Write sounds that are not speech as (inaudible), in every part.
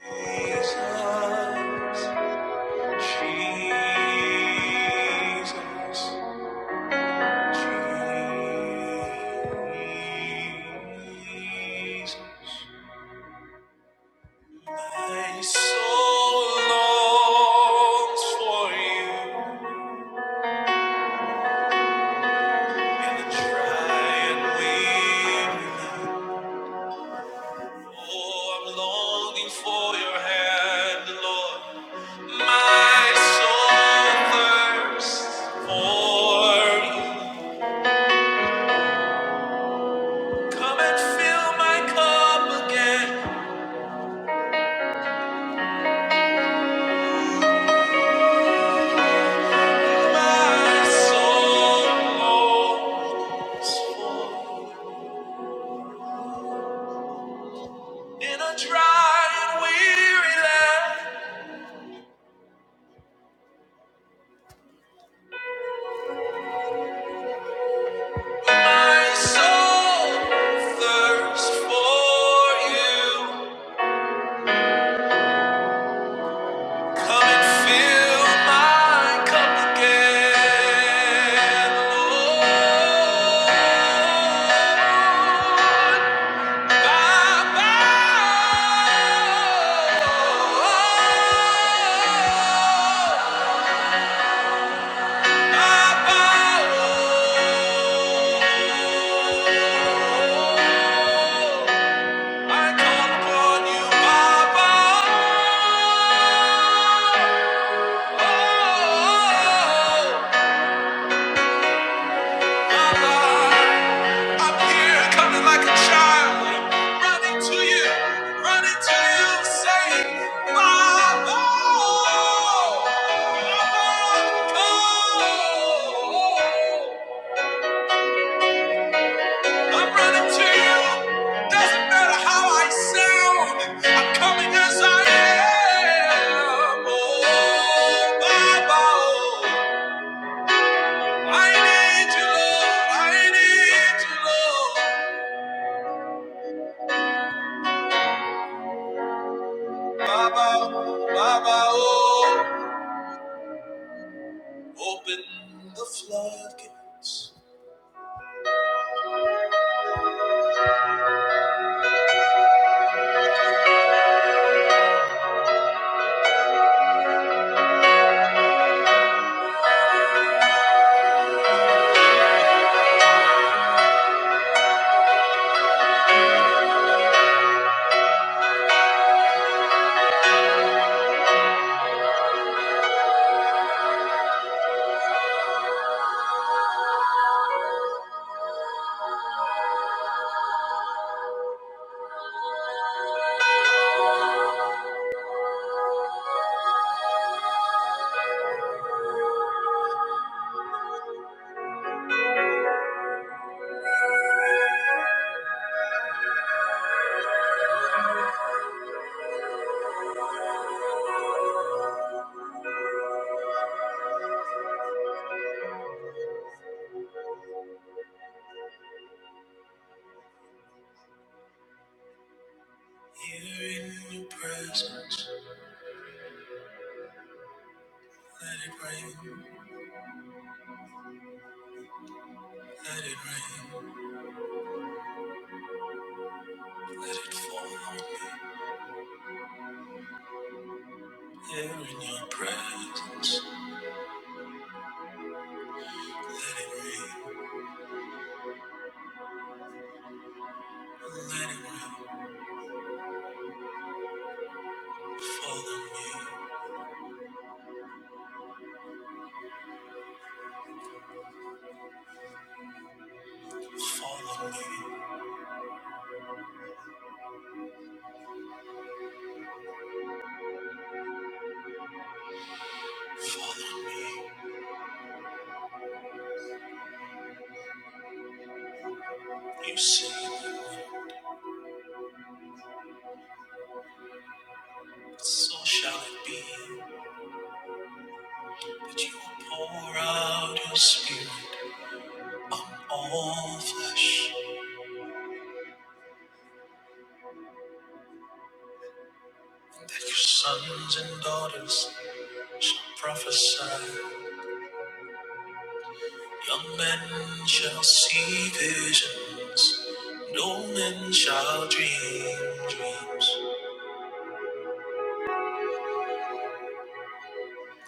Jesus, Jesus, Jesus. My soul longs for you in the dry and weary. Oh, I'm longing for your hand, Lord. My soul thirsts for you. Come and fill my cup again. My soul longs for you. In a dry and weary land, my soul thirsts for you. Come and fill my cup again, Lord. Bye. I'm here coming like a child, running to you, running to you, saying, Mama, Mama, come. I'm running to you, doesn't matter how I sound, I'm coming as I am. Oh, Mama, I need you, Lord, I need you, Lord. Baba, Baba, oh. Open the floodgates. Here in your presence, let it rain, let it rain, let it fall on me. Here in your presence, let it rain, let it rain, fall on me. Follow me, follow me. You say, so shall it be. That you will pour out your spirit on all flesh. That your sons and daughters shall prophesy. Young men shall see visions. No men shall dream dreams.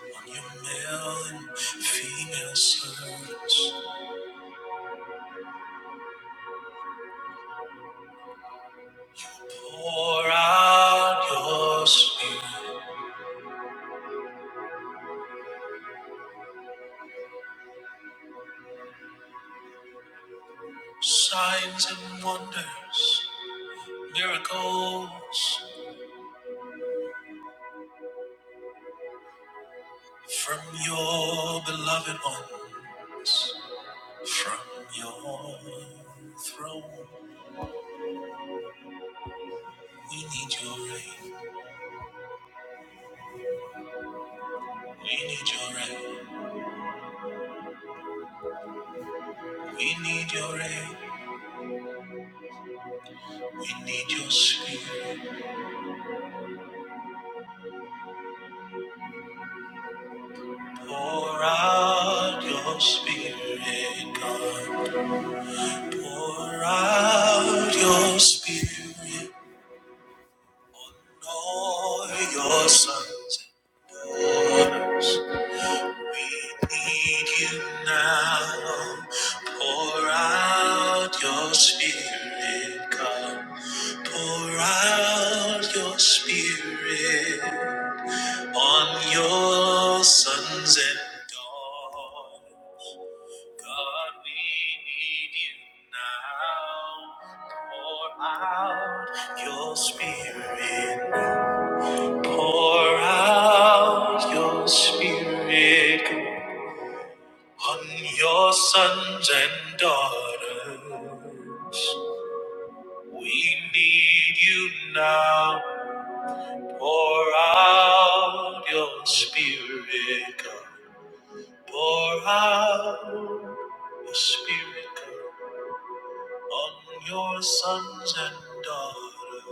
On your male and female servants, pour out your spirit. Signs and wonders, miracles from your beloved ones, from your throne. We need your rain, we need your rain, we need your rain, we need your spirit. Pour out your spirit, God. Pour out your spirit, all your sons and daughters. Need you now. Pour out your spirit, God. Pour out your spirit on your sons and daughters. God, we need you now. Pour out your spirit. Pour out your spirit. On your sons and daughters, we need you now. Pour out your spirit, God. Pour out your spirit, God, on your sons and daughters.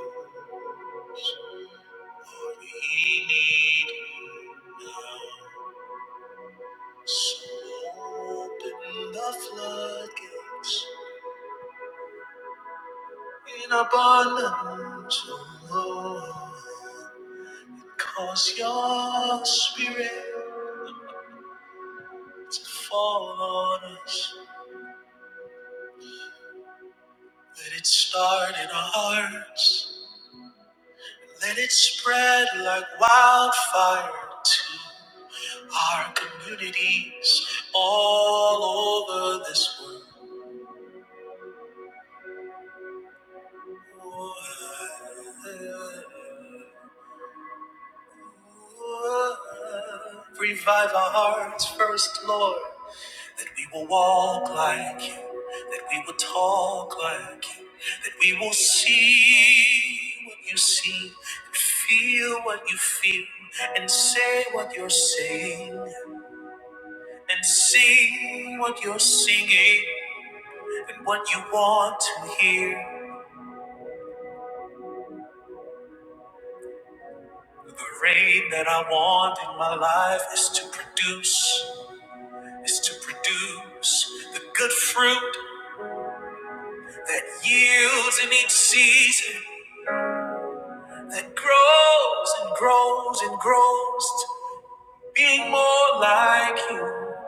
For we need you now. So open the floodgates. in abundance, O Lord. Cause your spirit to fall on us. Let it start in our hearts. Let it spread like wildfire to our communities all over this world. Revive our hearts first, Lord. That we will walk like you, that we will talk like you, that we will see what you see, and feel what you feel, and say what you're saying, and sing what you're singing, and what you want to hear. The rain that I want in my life is to produce, is to produce the good fruit that yields in each season. that grows and grows and grows to being more like you.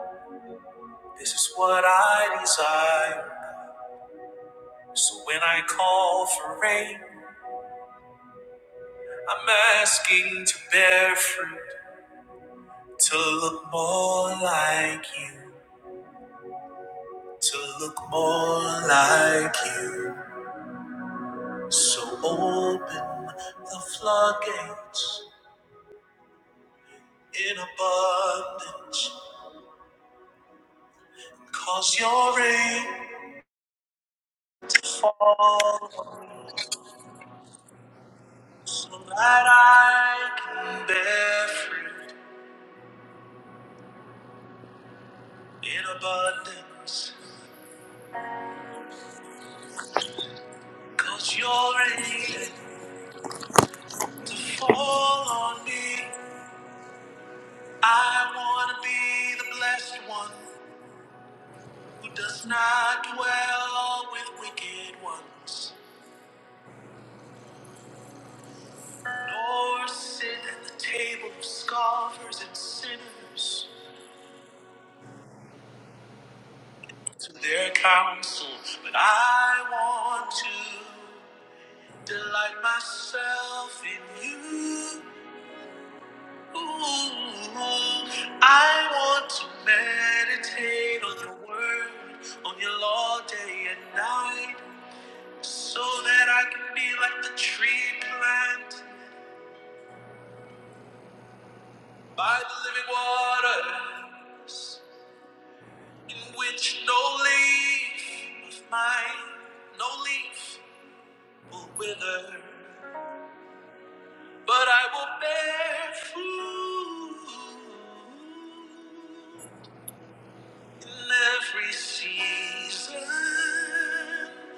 This is what I desire. So when I call for rain, I'm asking to bear fruit, to look more like you, to look more like you. So open the floodgates in abundance, cause your rain fall so that I can bear fruit in abundance. Cause you're ready to fall on me. I want to be the blessed one who does not dwell with wicked ones, nor sit at the table of scoffers and sinners to their counsel. But I want to delight myself in you. Ooh, I want to meditate on your word, on your law day and night, so that I can be like the tree planted by the living waters, in which no leaf of mine, no leaf will wither, but I will bear fruit. In every season,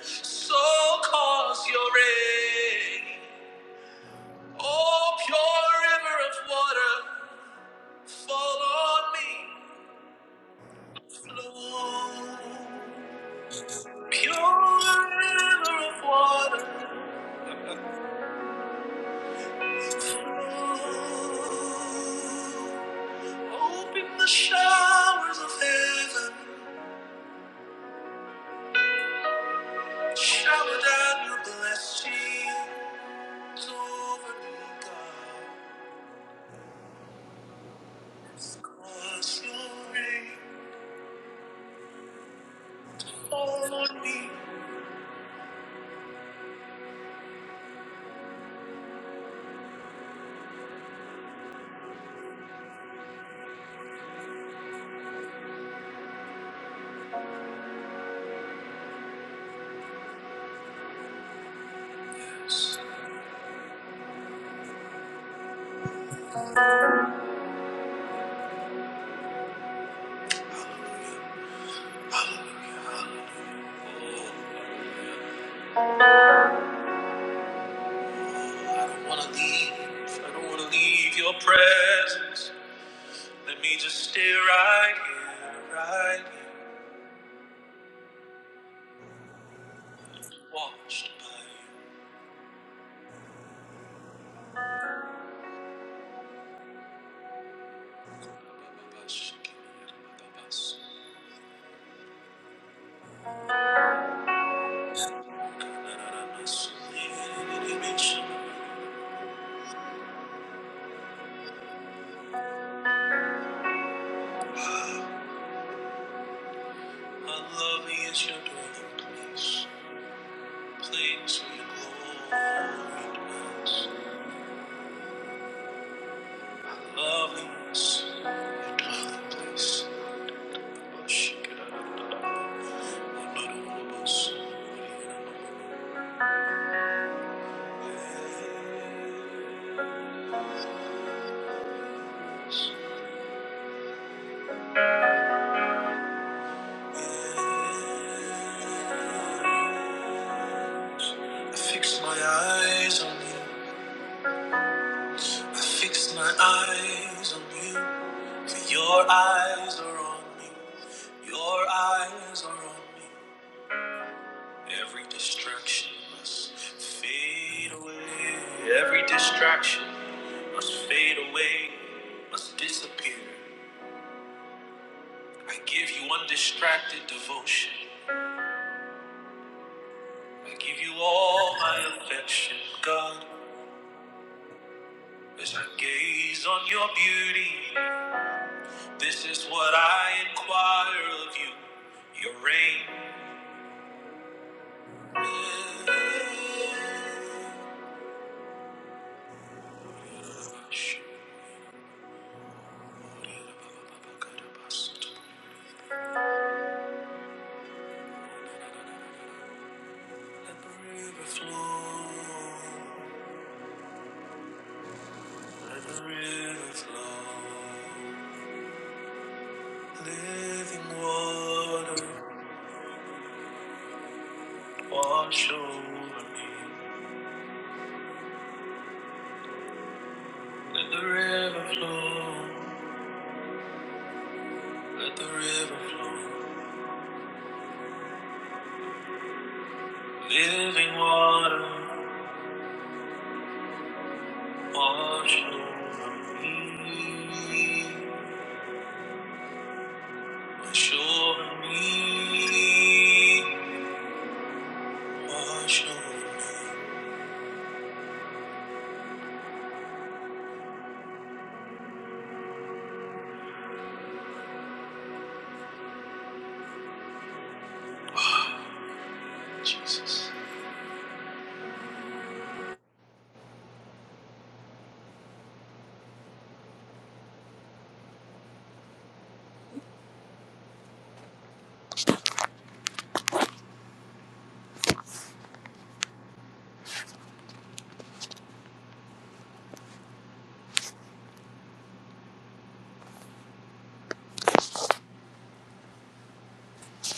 so cause your rain. Oh, pure river of water, fall on me, flow. Pure river of water, flow. Open the showers of heaven, shower down your blessings over me, God. Cause your rain fall on me. I don't wanna leave. I don't wanna leave your presence. Let me just stay right here, right here, washed by you. How lovely is your dwelling place, place where your glory dwells. Love me as your dwelling place. Oh, I fix my eyes on you. I fix my eyes on you. For your eyes are on me. Your eyes are on me. Every distraction must fade away. Every distraction must fade away, must disappear. I give you undistracted devotion. I give you all my affection, God. As I gaze on your beauty, this is what I inquire of you. Your reign. Let the river flow. Let the river flow. Living water Wash over me. Let the river flow. Let the river flow. Living water, wash over me, wash over me, wash over me, Jesus.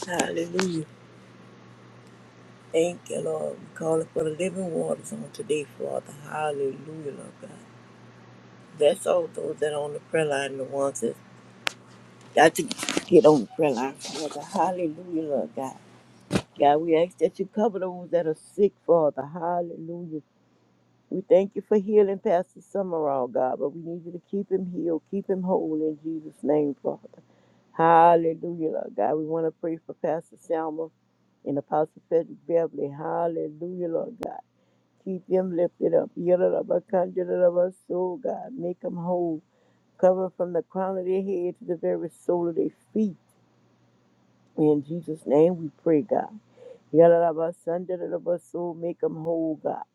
Hallelujah. Thank you, Lord. We call it for the living waters on today, Father. Hallelujah, Lord God. That's all those that are on the prayer line, the ones that got to get on the prayer line, Father. Hallelujah, Lord God. God, we ask that you cover those that are sick, Father. Hallelujah, We thank you for healing Pastor Summerall, God, but we need you to keep him healed, keep him whole in Jesus' name, Father. Hallelujah, Lord God. We want to pray for Pastor Selma and Apostle Frederick Beverly. Hallelujah, Lord God. Keep them lifted up. Yellow of a conjurer of our soul, God. Make them whole. Cover 'em from the crown of their head to the very sole of their feet. In Jesus' name we pray, God. Yellow of our son, of our soul, make them whole, God.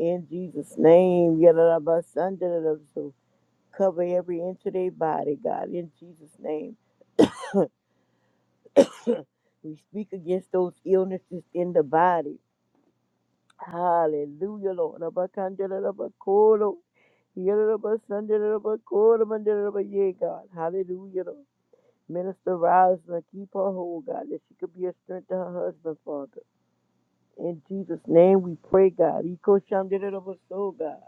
In Jesus' name, Yadarabasandarabu. So cover every inch of their body, God. In Jesus' name, (coughs) we speak against those illnesses in the body. Hallelujah, Lord. Abakandarabakoro. Yadarabasandarabakoto, mandaraba- Yeah, God. Hallelujah, Lord. Minister Rosalind, keep her whole, God, that she could be a strength to her husband, Father. In Jesus' name we pray, God. Eko shandarabaso, God.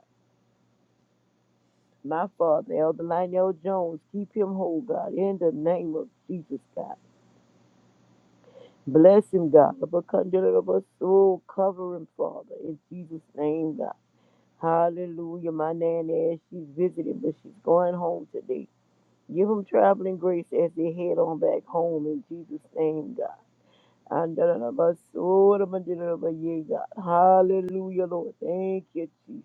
My father, Elder Lionel Jones, keep him whole, God, in the name of Jesus, God. Bless him, God. Abacundalabas, Oh, cover him, Father, in Jesus' name, God. Hallelujah. My nanny, as she's visiting, but she's going home today. Give them traveling grace as they head on back home in Jesus' name, God. Andalabas, oh, dabadalabas, yeah, God. Hallelujah, Lord. Thank you, Jesus.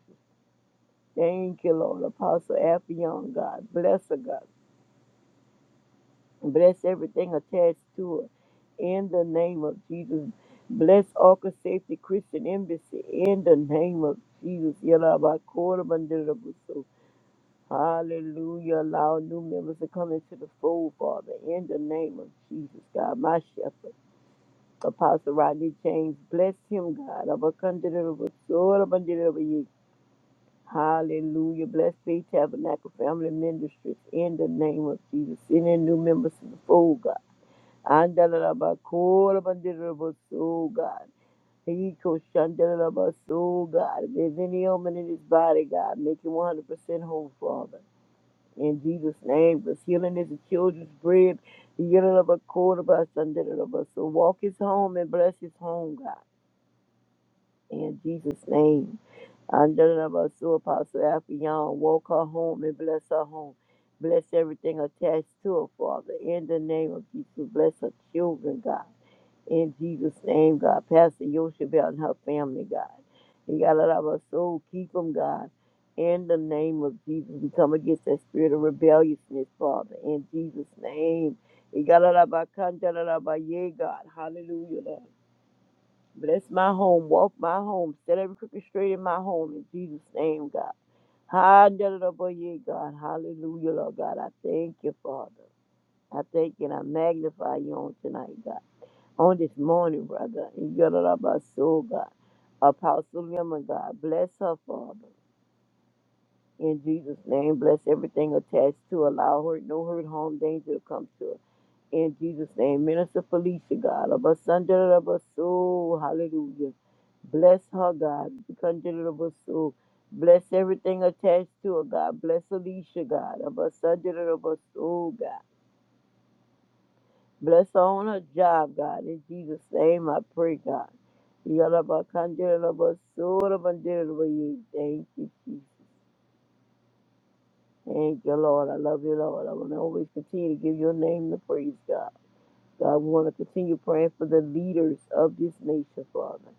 Thank you, Lord. Apostle Affion, God. Bless her, God. Bless everything attached to it. In the name of Jesus. Bless Arca Safety Christian Embassy. In the name of Jesus. Yalabakorabandirabusoo. Hallelujah. Allow new members to come into the fold, Father. In the name of Jesus, God, my shepherd. Apostle Rodney James, bless him, God. Abakandirabusoo. Hallelujah. Bless Faith Tabernacle Family Ministries in the name of Jesus. Send in new members to the fold, God. Andalabakurabandirabasu, God. Ikoshandalabasu, God. If there's any ailment in his body, God, make him 100% whole, Father. In Jesus' name, because healing is the children's bread. Yellow of A quarter of of Yalalabakurabasandalabasu. Walk his home and bless his home, God. In Jesus' name. Andalabasu Apostle Alfion, walk her home and bless her home. Bless everything attached to her, Father. In the name of Jesus, bless her children, God. In Jesus' name, God. Pastor Yoshebel and her family, God. And God, let our soul keep them, God. In the name of Jesus, we come against that spirit of rebelliousness, Father. In Jesus' name. And God, let our contact, let our- yeah, God. Hallelujah. Lord. Bless my home, walk my home, set every crooked straight in my home in Jesus' name, God. Hallelujah, God. Hallelujah, Lord God. I thank you, Father. I thank you and I magnify you on tonight, God. On this morning, brother. In your soul, God. Apostle Lemon, God. Bless her, Father. In Jesus' name, bless everything attached to. her. Allow her no hurt, harm, danger to come to her. In Jesus' name, Minister Felicia, God, of us under of us soul, hallelujah. Bless her, God, under of us soul. Bless everything attached to her, God. Bless Alicia, God, of us under of us soul, God. Bless her on her job, God. In Jesus' name, I pray, God. Yalaba consider of us soul, of under of you. Thank you, Jesus. Thank you, Lord. I love you, Lord. I will always continue to give your name the praise, God. God, we want to continue praying for the leaders of this nation, Father.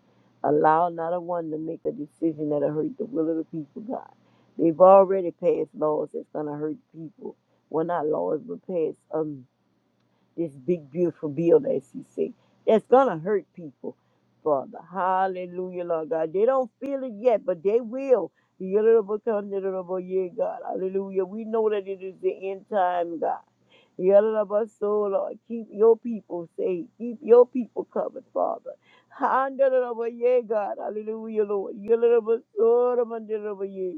Allow not a one to make a decision that'll hurt the will of the people, God. They've already passed laws that's going to hurt people. Well, not laws, but passed. um, this big, beautiful bill that she said. That's gonna hurt people, Father. Hallelujah, Lord God. They don't feel it yet, but they will. Yeah, God. Hallelujah. We know that it is the end time, God. Yeah, Lord, so Lord, keep your people safe. Keep your people covered, Father. Hallelujah, yeah, God. Hallelujah, Lord. Yeah, Lord, so yeah.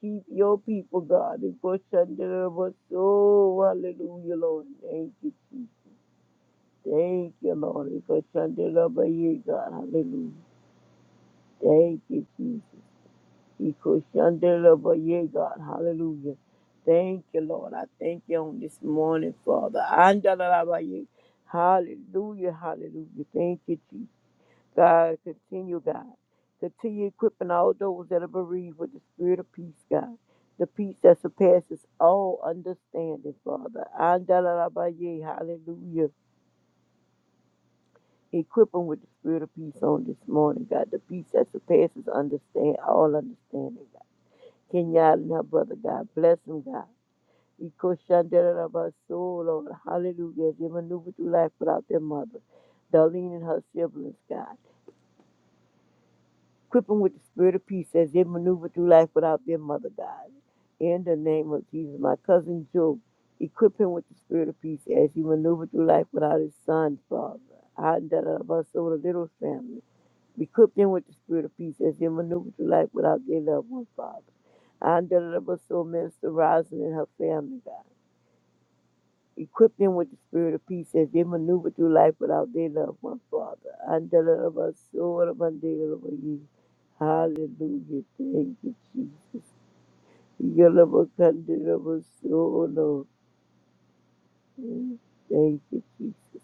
Keep your people, God. And for Shandera, so hallelujah, Lord. Thank you. Thank you, Lord. Iko shandelaba ye God. Hallelujah. Thank you, Jesus. Iko shandelaba ye God. Hallelujah. Thank you, Lord. I thank you on this morning, Father. Andalaba ye. Hallelujah. Hallelujah. Thank you, Jesus. God, continue, God. Continue equipping all those that are bereaved with the spirit of peace, God. The peace that surpasses all understanding, Father. Andalaba ye. Hallelujah. Equip them with the spirit of peace on this morning, God. The peace that surpasses understand all understanding, God. Kenya and her brother, God. Bless them, God. Ikoshandera of our soul, Lord. Hallelujah. They maneuver through life without their mother. Darlene and her siblings, God. Equip them with the spirit of peace as they maneuver through life without their mother, God. In the name of Jesus. My cousin Joe, equip him with the spirit of peace as he maneuvered through life without his son, Father. I and that of us Rabaso, the little family. Equip them with the spirit of peace as they maneuver through life without their loved one, Father. And deliver soul minister Rosin and her family, God. Equip them with the spirit of peace as they maneuver through life without their loved one, Father. And deliver soul of undateable you. Hallelujah. Thank you, Jesus. Deliver, deliver soul, Lord. Mm, Thank you, Jesus.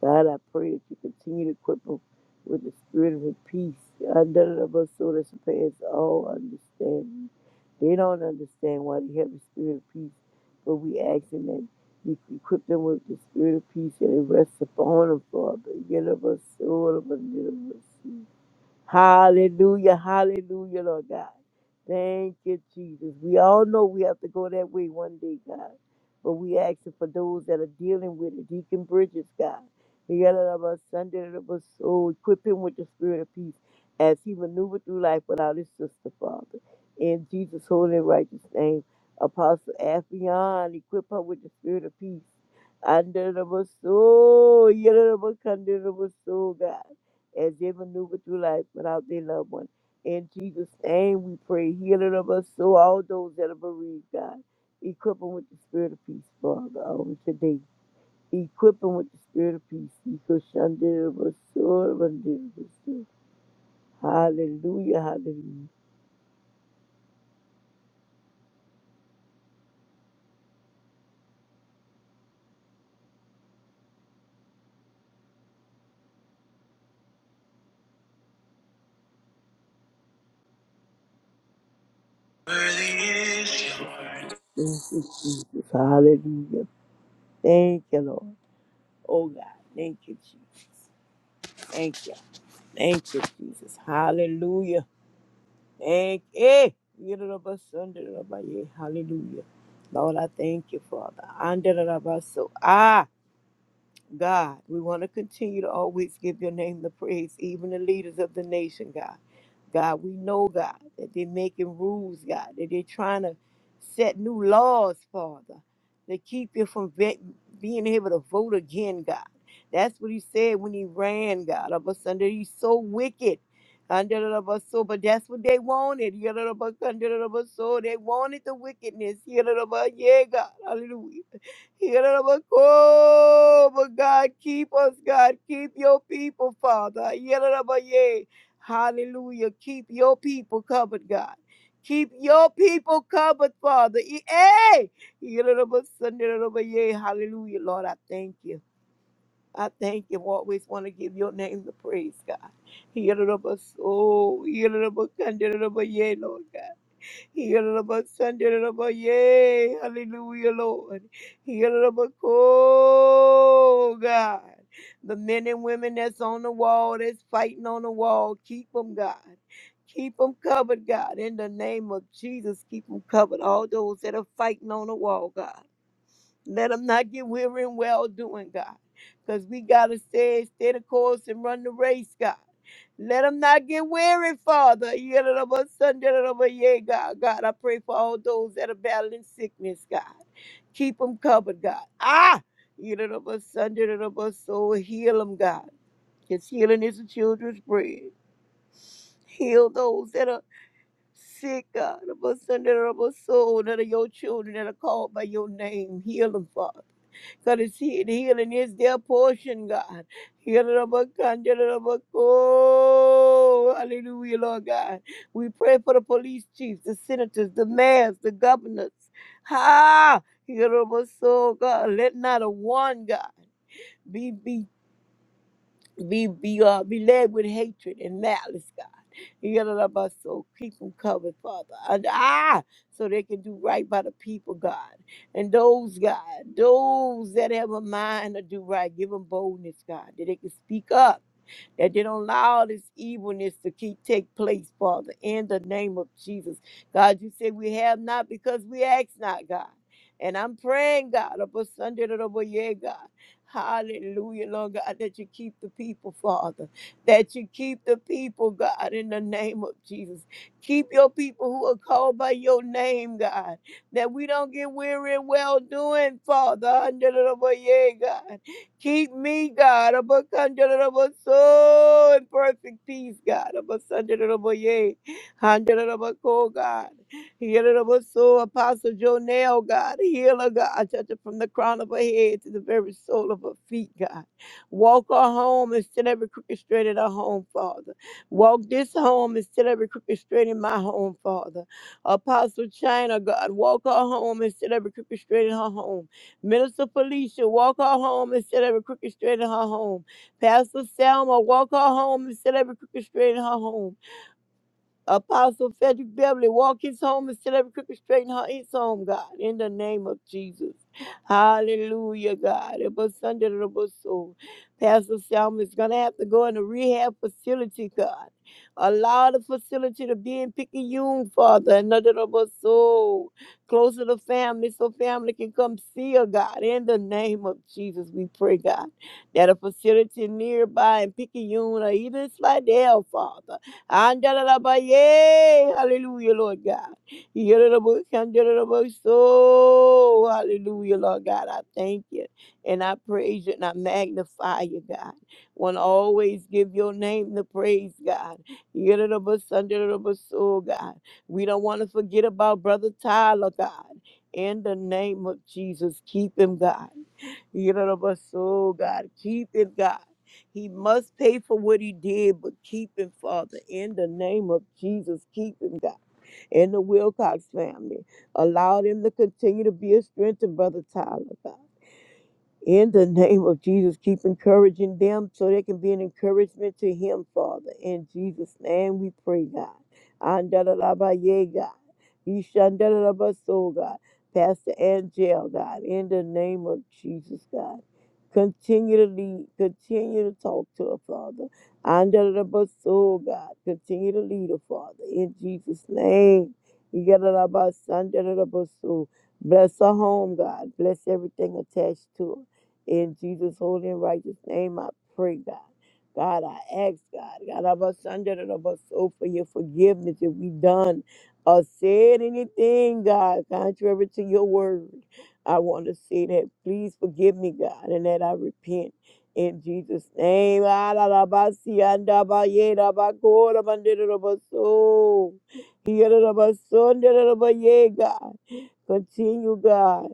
God, I pray that you continue to equip them with the spirit of peace. God, none of us so that surpass all understanding. They don't understand why they have the spirit of peace, but we ask them that you equip them with the spirit of peace and it rests upon them, Father. Get of us, soul of us, Hallelujah, hallelujah, Lord God. Thank you, Jesus. We all know we have to go that way one day, God. But we asking for those that are dealing with it. Deacon Bridges, God. He got out of us Sunday of us soul. Equip him with the spirit of peace as he maneuvered through life without his sister, Father. In Jesus' holy and righteous name. Apostle Afion, equip her with the spirit of peace. Under the soul, yet of us, under the soul, God as they maneuver through life without their loved one. In Jesus' name we pray, healing of us so all those that are bereaved, God. Equip them with the spirit of peace, Father, on today. Equip them with the spirit of peace. Equip Shandira Basura Bandira Basura. Hallelujah, hallelujah. Worthy is your Thank you, Jesus. Hallelujah. Thank you, Lord. Oh, God. Thank you, Jesus. Thank you. Thank you, Jesus. Hallelujah. Thank you. Hallelujah. Lord, I thank you, Father. Andalabaso. Ah. God, we want to continue to always give your name the praise, even the leaders of the nation, God. God, we know, God, that they're making rules, God, that they're trying to set new laws, Father, to keep you from be- being able to vote again, God. That's what he said when he ran, God, of us under. He's so wicked. Under the bus, so, but that's what they wanted. Yeah, the bus, Under the bus, so they wanted the wickedness. Yeah, the bus, yeah, God, hallelujah oh, But God, keep us, God. Keep your people, Father. Yedarabaye. Hallelujah. Keep your people covered, God. Keep your people covered, Father. E- Hey! Yedarabasanderarabaye. Hallelujah, Lord. I thank you. I thank you. We always want to give your name the praise, God. Yedarabaso, Yedarabakanderabaye, Lord God. Yalabasandalaba, Yay, hallelujah, Lord. Yalalaba, Oh, God. The men and women that's on the wall, that's fighting on the wall, keep them, God. Keep them covered, God. In the name of Jesus, keep them covered. All those that are fighting on the wall, God. Let them not get weary in well doing, God. Because we got to stay, stay the course and run the race, God. Let them not get weary, Father. Yadadaba, son, yadadaba, yea, God. God, I pray for all those that are battling sickness, God. Keep them covered, God. Ah! Yadadaba, son, yadadaba, so heal them, God. Because healing is the children's bread. Heal those that are sick, God. Yadadaba, son, yadadaba, so that are your children that are called by your name. Heal them, Father. Because healing is their portion, God. Oh, hallelujah, Lord God. We pray for the police chiefs, the senators, the mayors, the governors. Ha! so God, let not a one, God, be beat be be uh be led with hatred and malice, God. You got love us so keep them covered, Father. And ah, so they can do right by the people, God. And those, God, those that have a mind to do right, give them boldness, God, that they can speak up that they don't allow all this evilness to keep take place, Father, in the name of Jesus. God, you say we have not because we ask not, God. And I'm praying, God, upon Sunday, yeah, God. Hallelujah, Lord God, that you keep the people, Father. That you keep the people, God, in the name of Jesus. Keep your people who are called by your name, God. That we don't get weary and well doing, Father. Hallelujah, God. Keep me, God, above under the above soul in perfect peace, God, above under the above yea, under the above cool, God. Heal the above soul, Apostle Joe Nail, God, healer, God, touch her from the crown of her head to the very sole of her feet, God. Walk her home and set every crooked straight in her home, Father. Walk this home and set every crooked straight in my home, Father. Apostle China, God, walk her home and set every crooked straight in her home. Minister Felicia, walk her home and set every crooked straight in her home. Pastor Selma, walk her home and set every crooked straight in her home. Apostle Frederick Beverly, walk his home and set every crooked straight in her his home, God, in the name of Jesus. Hallelujah, God. It was Sunday the bus soul. Pastor Selma is going to have to go in a rehab facility, God. Allow the facility to be in Picayune, Father, and another of us so closer to family so family can come see her, God. In the name of Jesus, we pray, God, that a facility nearby in Picayune or even Slidell, Father Andalabaye. Hallelujah, Lord God. Yellow so hallelujah, Lord God. I thank you and I praise you and I magnify you, God. Wanna always give your name the praise, God. Yellow so God. We don't want to forget about Brother Tyler, God. In the name of Jesus, keep him, God. You know what I'm so God, keep it, God. He must pay for what he did, but keep him, Father, in the name of Jesus. Keep him, God, and the Wilcox family. Allow them to continue to be a strength to Brother Tyler, God. In the name of Jesus, keep encouraging them so they can be an encouragement to him, Father. In Jesus' name we pray, God. Andalalabaye, God. Ishandalalabaso, God. Pastor Angel, God. In the name of Jesus, God. Continue to lead. Continue to talk to her, Father. Andalalabaso, God. Continue to lead her, Father. In Jesus' name. Igadalabasandalalabaso. Bless her home, God. Bless everything attached to her. In Jesus' holy and righteous name, I pray, God. God, I ask, God, God, I'm a son that I'm a soul for your forgiveness if we done or said anything, God, contrary to your word. I want to say that. Please forgive me, God, and that I repent. In Jesus' name, Ah, la la Alalabasi, Andabaye, Dabako, Dabandidadabaso. Yadadabaso, Ndadadabaye, God. Continue, God.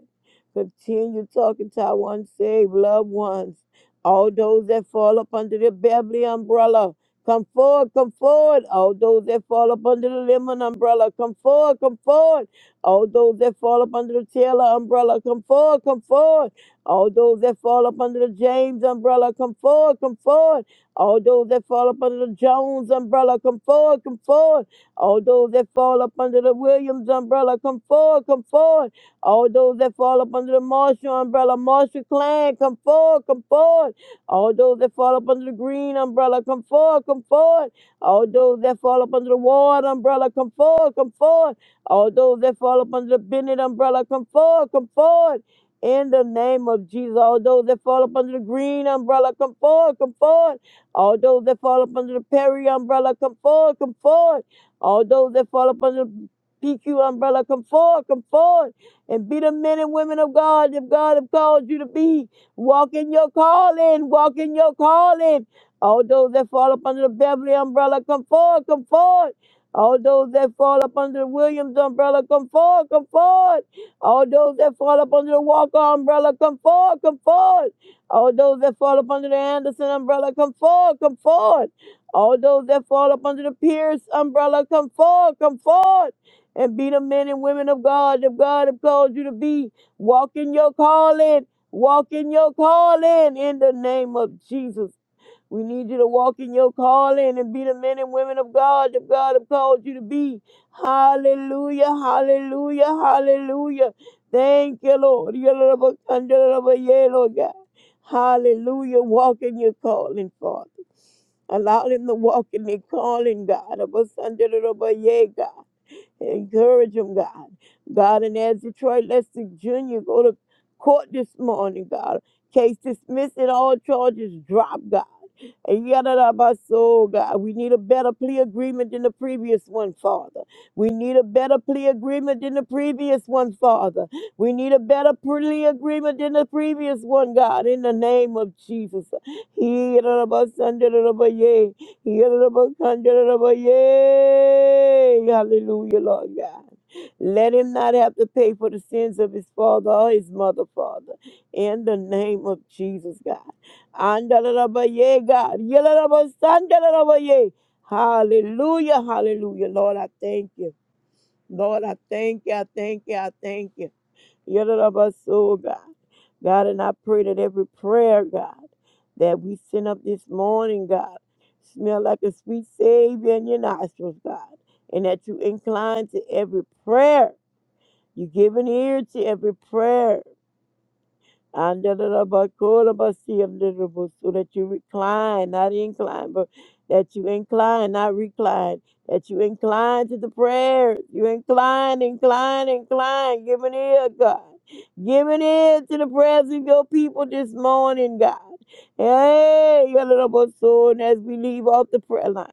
Continue talking to our unsaved loved ones. All those that fall up under the Beverly umbrella, come forward, come forward. All those that fall up under the Lemon umbrella, come forward, come forward. All those that fall up under the Taylor umbrella, come forward, come forward. All those that fall up under the James umbrella, come forward, come forward. All those that fall up under the Jones umbrella, come forward, come forward. All those that fall up under the Williams umbrella, come forward, come forward. All those that fall up under the Marshall umbrella, Marshall clan, come forward, come forward. All those that fall up under the green umbrella, come forward, come forward. All those that fall up under the Ward umbrella, come forward, come forward. All those that fall up under the Bennett umbrella, come forward, come forward. In the name of Jesus, all those that fall up under the green umbrella, come forward, come forward. All those that fall up under the Perry umbrella, come forward, come forward. All those that fall up under the PQ umbrella, come forward, come forward and be the men and women of God if God have called you to be. Walk in your calling, walk in your calling. All those that fall up under the Beverly umbrella, come forward, come forward. All those that fall up under the Williams umbrella, come forward, come forward. All those that fall up under the Walker umbrella, come forward, come forward. All those that fall up under the Anderson umbrella, come forward, come forward. All those that fall up under the Pierce umbrella, come forward, come forward and be the men and women of God that God have called you to be. Walk in your calling. Walk in your calling in the name of Jesus. We need you to walk in your calling and be the men and women of God that God have called you to be. Hallelujah, hallelujah, hallelujah. Thank you, Lord. You're the Lord, of you're the Lord, of yeah, Lord God. Hallelujah. Walk in your calling, Father. Allow them to walk in their calling, God. Of us under the rubber, yeah, God. Encourage them, God. God, and as Detroit Lester Jr. go to court this morning, God, case dismissed and all charges dropped, God. Yadadabaso, God. We need a better plea agreement than the previous one, Father. We need a better plea agreement than the previous one, Father. We need a better plea agreement than the previous one, God, in the name of Jesus. Yadadabasandadabaye. Yadadabakandadabaye. Hallelujah, Lord God. Let him not have to pay for the sins of his father or his mother, Father. In the name of Jesus, God. Andalalabaye, God. Yalalabasandalalabaye. Hallelujah, hallelujah. Lord, I thank you. Lord, I thank you, I thank you, I thank you. Yalalabaso, God. God, and I pray that every prayer, God, that we send up this morning, God, smell like a sweet Savior in your nostrils, God, and that you incline to every prayer. You give an ear to every prayer. Andalabakorabasiyamdalabu, So that you recline, not incline, but that you incline, not recline, that you incline to the prayers. You incline, incline, incline. Give an ear, God. Give an ear to the prayers of your people this morning, God. Hey, your little soul, and as we leave off the prayer line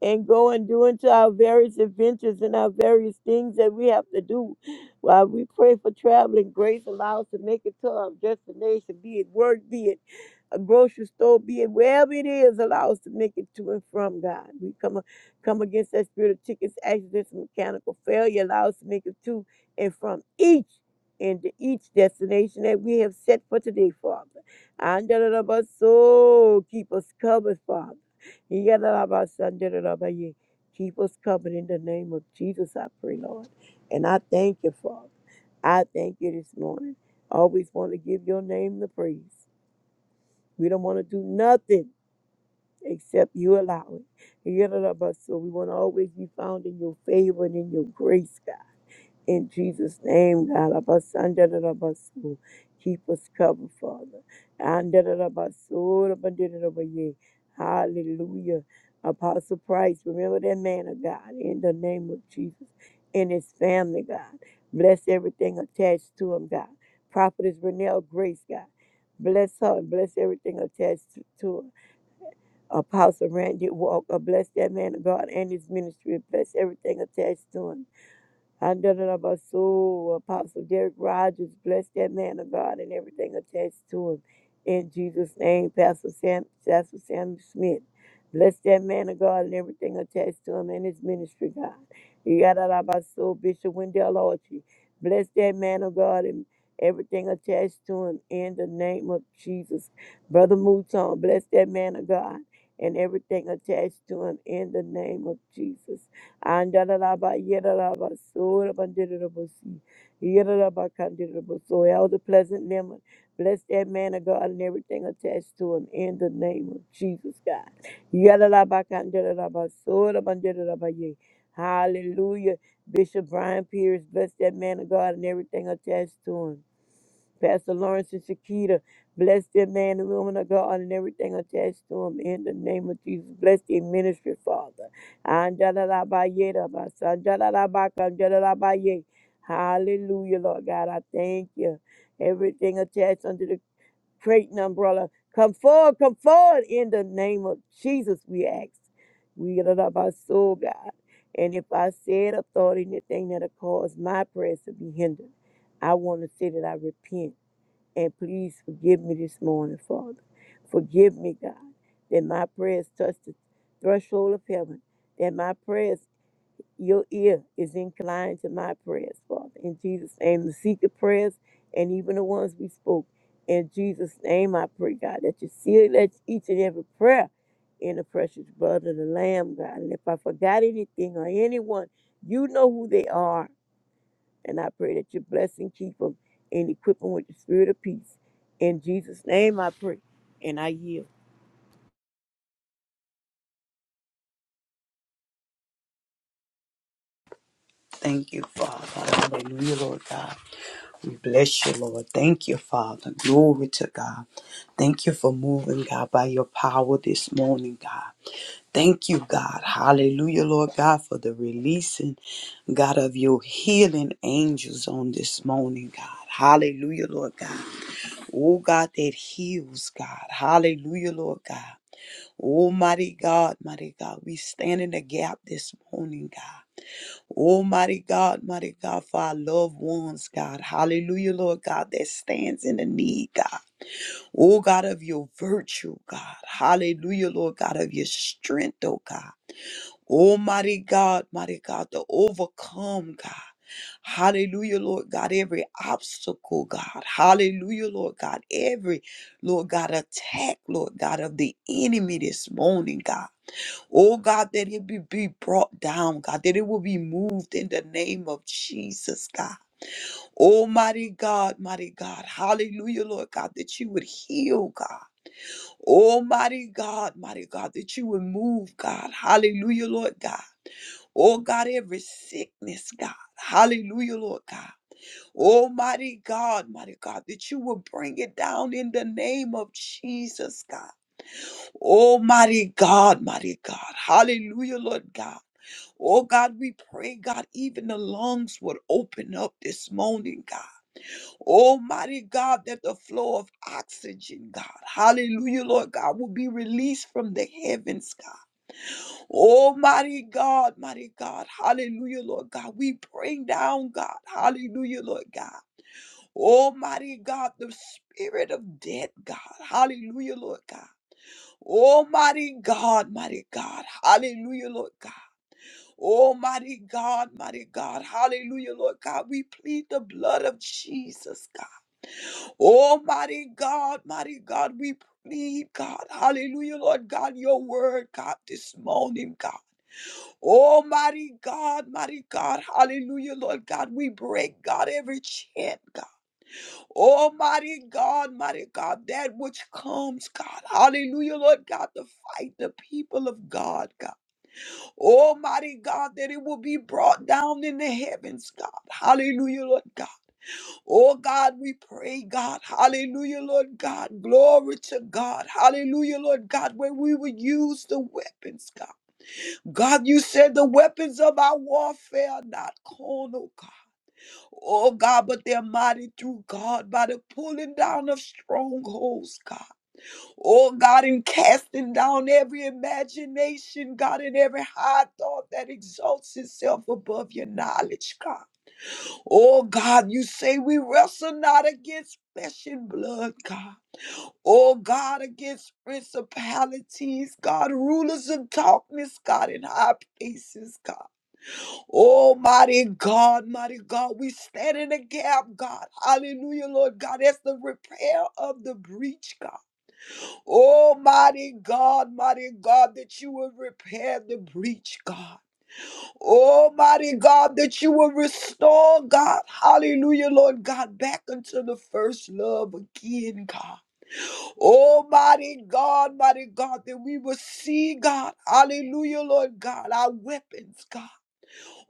and go and do into our various adventures and our various things that we have to do. While we pray for traveling grace, allow us to make it to our destination, be it work, be it a grocery store, be it wherever it is, allow us to make it to and from God. We come come against that spirit of tickets, accidents, and mechanical failure. Allow us to make it to and from each and to each destination that we have set for today, Father. And so keep us covered, Father. Yadalabasandarabaya. Keep us covered in the name of Jesus, I pray, Lord. And I thank you, Father. I thank you this morning. I always want to give your name the praise. We don't want to do nothing except you allow it. Yadalabaso. We want to always be found in your favor and in your grace, God. In Jesus' name, God, Abasandarabasu, keep us covered, Father. Andarabasu, Abandarabaye. Hallelujah. Apostle Price, remember that man of God in the name of Jesus and his family, God. Bless everything attached to him, God. Prophetess Renelle Grace, God. Bless her and bless everything attached to to her. Apostle Randy Walker, bless that man of God and his ministry. Bless everything attached to him. Under the name of soul, Apostle Derek Rogers, bless that man of God and everything attached to him. In Jesus' name, Pastor Sam, Pastor Sam Smith, bless that man of God and everything attached to him and his ministry, God. Yadarabaso, Bishop Wendell Archie, bless that man of God and everything attached to him in the name of Jesus. Brother Mouton, bless that man of God and everything attached to him in the name of Jesus. Andalaba, Yedalaba, Sora, Bandidabasi, Yedalaba, Candidabaso, Elder Pleasant Lemon. Bless that man of God and everything attached to him in the name of Jesus, God. Yedalaba, Candidaba, Sora, Bandidabay. Hallelujah. Bishop Brian Pierce, bless that man of God and everything attached to him. Pastor Lawrence and Shakita, bless their man and woman of God and everything attached to them in the name of Jesus. Bless their ministry, Father. Anjalalabaye daba, sanjalalabaka, anjalalabaye. Hallelujah, Lord God. I thank you. Everything attached under the crate umbrella. Come forward, come forward in the name of Jesus, we ask. We love our soul, God. And if I said or thought anything that'll cause my prayers to be hindered, I want to say that I repent. And please forgive me this morning, Father. Forgive me, God, that my prayers touch the threshold of heaven, that my prayers, your ear is inclined to my prayers, Father. In Jesus' name, the secret prayers and even the ones we spoke. In Jesus' name, I pray, God, that you seal that each and every prayer in the precious blood of the Lamb, God. And if I forgot anything or anyone, you know who they are. And I pray that you bless and keep them and equip them with the spirit of peace. In Jesus' name I pray. And I yield. Thank you, Father. Hallelujah, Lord God. We bless you, Lord. Thank you, Father. Glory to God. Thank you for moving, God, by your power this morning, God. Thank you, God. Hallelujah, Lord God, for the releasing, God, of your healing angels on this morning, God. Hallelujah, Lord God. Oh, God, that heals, God. Hallelujah, Lord God. Almighty God, mighty God, we stand in the gap this morning, God. Oh, mighty God, mighty God, for our loved ones, God. Hallelujah, Lord God, that stands in the need, God. Oh, God, of your virtue, God. Hallelujah, Lord God, of your strength, oh, God. Almighty God, mighty God, to overcome, God. Hallelujah, Lord God, every obstacle, God. Hallelujah, Lord God, every, Lord God, attack, Lord God, of the enemy this morning, God. Oh God, that it be, be brought down, God, that it will be moved in the name of Jesus, God. Almighty God, mighty God, hallelujah, Lord God, that you would heal, God. Almighty God, mighty God, that you would move, God. Hallelujah, Lord God. Oh God, every sickness, God. Hallelujah, Lord God. Almighty God, mighty God, that you will bring it down in the name of Jesus, God. Almighty God, mighty God. Hallelujah, Lord God. Oh God, we pray, God, even the lungs would open up this morning, God. Almighty God, that the flow of oxygen, God, hallelujah, Lord God, will be released from the heavens, God. Almighty God, mighty God, hallelujah, Lord God. We bring down, God, hallelujah, Lord God. Almighty God, the spirit of death, God, hallelujah, Lord God. Almighty God, mighty God, hallelujah, Lord God. Almighty God, mighty God, hallelujah, Lord God, we plead the blood of Jesus, God. Almighty God, mighty God, we plead, God, hallelujah, Lord God, your word, God, this morning, God. Almighty God, mighty God, hallelujah, Lord God, we break, God, every chant, God. Almighty God, mighty God, that which comes, God, hallelujah, Lord God, to fight the people of God, God. Almighty God, that it will be brought down in the heavens, God. Hallelujah, Lord God. Oh God, we pray, God. Hallelujah, Lord God. Glory to God. Hallelujah, Lord God, where we will use the weapons, God. God, you said the weapons of our warfare are not carnal, God. Oh God, but they're mighty through God by the pulling down of strongholds, God. Oh God, in casting down every imagination, God, in every high thought that exalts itself above your knowledge, God. Oh God, you say we wrestle not against flesh and blood, God. Oh God, against principalities, God, rulers of darkness, God, in high places, God. Almighty God, mighty God, we stand in the gap, God. Hallelujah, Lord God. as the repair of the breach, God. Oh, mighty God, mighty God, that you will repair the breach, God. Oh, mighty God, that you will restore, God. Hallelujah, Lord God, back unto the first love again, God. Oh, mighty God, mighty God, that we will see, God. Hallelujah, Lord God, our weapons, God.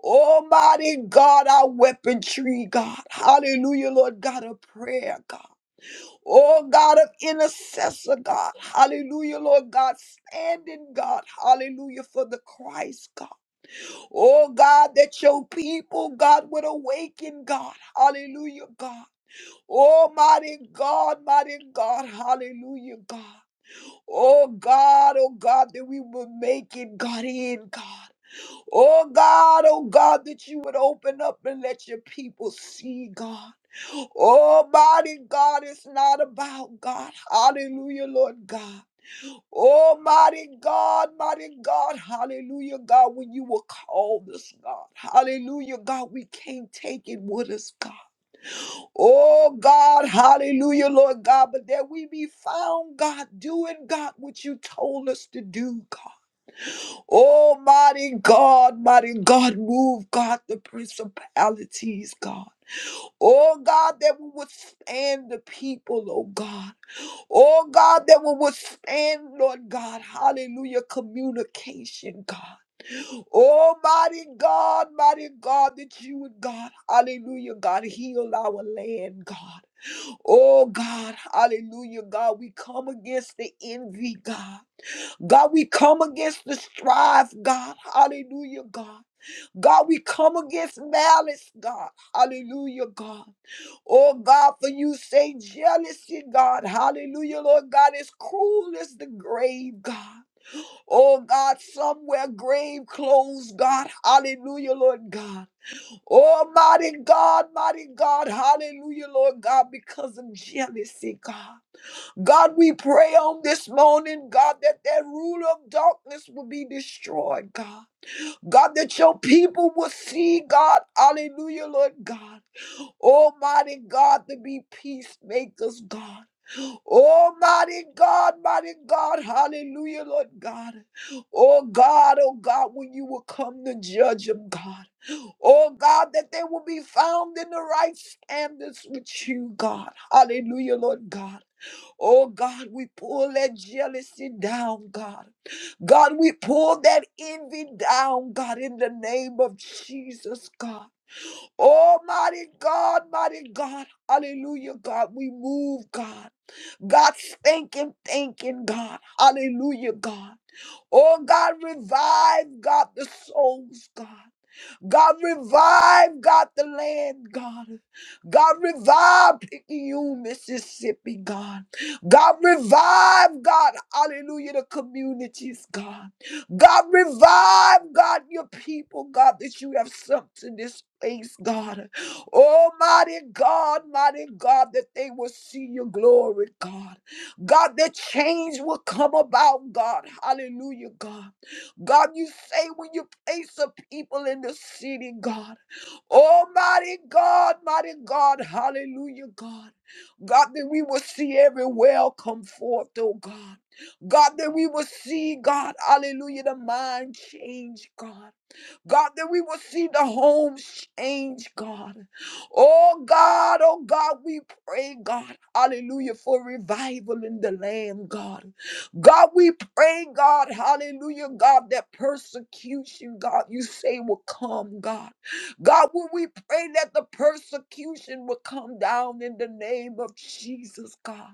Almighty God, our weaponry, God. Hallelujah, Lord God, a prayer, God. Oh God of intercessor, God. Hallelujah, Lord God. Standing, God. Hallelujah for the Christ, God. Oh God, that your people, God, would awaken, God. Hallelujah, God. Almighty God, mighty God. Hallelujah, God. Oh God, oh God, that we would make it, God, in, God. Oh God, oh God, that you would open up and let your people see, God. Almighty God, it's not about God. Hallelujah, Lord God. Almighty God, mighty God, hallelujah, God, when you were called us, God, hallelujah, God, we can't take it with us, God. Oh, God, hallelujah, Lord God, but that we be found, God, doing, God, what you told us to do, God. Almighty God, mighty God, move, God, the principalities, God. Oh God, that will withstand the people, oh God. Oh God, that will withstand, Lord God. Hallelujah. Communication, God. Oh mighty God, mighty God, that you would, God. Hallelujah, God. Heal our land, God. Oh God, hallelujah, God. We come against the envy, God. God, we come against the strife, God. Hallelujah, God. God, we come against malice, God. Hallelujah, God. Oh God, for you say jealousy, God. Hallelujah, Lord God, is cruel as the grave, God. Oh God, somewhere grave clothes, God. Hallelujah, Lord God. Oh mighty God, mighty God. Hallelujah, Lord God, because of jealousy, God. God, we pray on this morning, God, that that ruler of darkness will be destroyed, God. God, that your people will see, God. Hallelujah, Lord God. Almighty God, to be peacemakers, God. Almighty God, mighty God, hallelujah, Lord God. Oh God, oh God, when you will come to judge them, God. Oh God, that they will be found in the right standards with you, God. Hallelujah, Lord God. Oh God, we pull that jealousy down, God. God, we pull that envy down, God, in the name of Jesus, God. Oh mighty God, mighty God, hallelujah, God, we move, God. God, thinking, thinking, God, hallelujah, God. Oh, God, revive, God, the souls, God. God, revive, God, the land, God. God, revive you, Mississippi, God. God, revive, God, hallelujah, the communities, God. God, revive, God, your people, God, that you have sent to this place, God. Almighty God, mighty God, that they will see your glory, God. God, that change will come about, God. Hallelujah, God. God, you say when you place the people in the city, God. Almighty God, mighty God, hallelujah, God. God, that we will see every well come forth, oh God. God, that we will see, God, hallelujah, the mind change, God. God, that we will see the homes change, God. Oh God, oh God, we pray, God, hallelujah, for revival in the land, God. God, we pray, God, hallelujah, God, that persecution, God, you say will come, God. God, when we pray that the persecution will come down in the name of Jesus, God.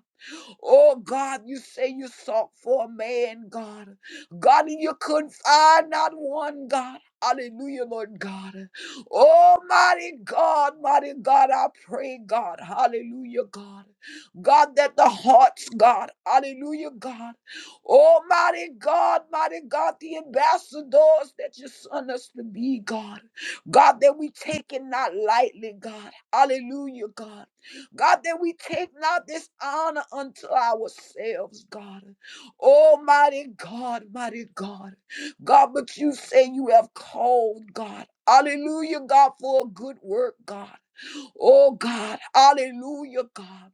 Oh God, you say you sought for a man, God. God, and you couldn't find not one, God. Hallelujah, Lord God. Oh, mighty God, mighty God, I pray, God. Hallelujah, God. God, that the hearts, God. Hallelujah, God. Oh, mighty God, mighty God, the ambassadors that you sent us to be, God. God, that we take it not lightly, God. Hallelujah, God. God, that we take not this honor unto ourselves, God. Almighty God, mighty God. God, but you say you have called, God. Hallelujah, God, for a good work, God. Oh God, hallelujah, God.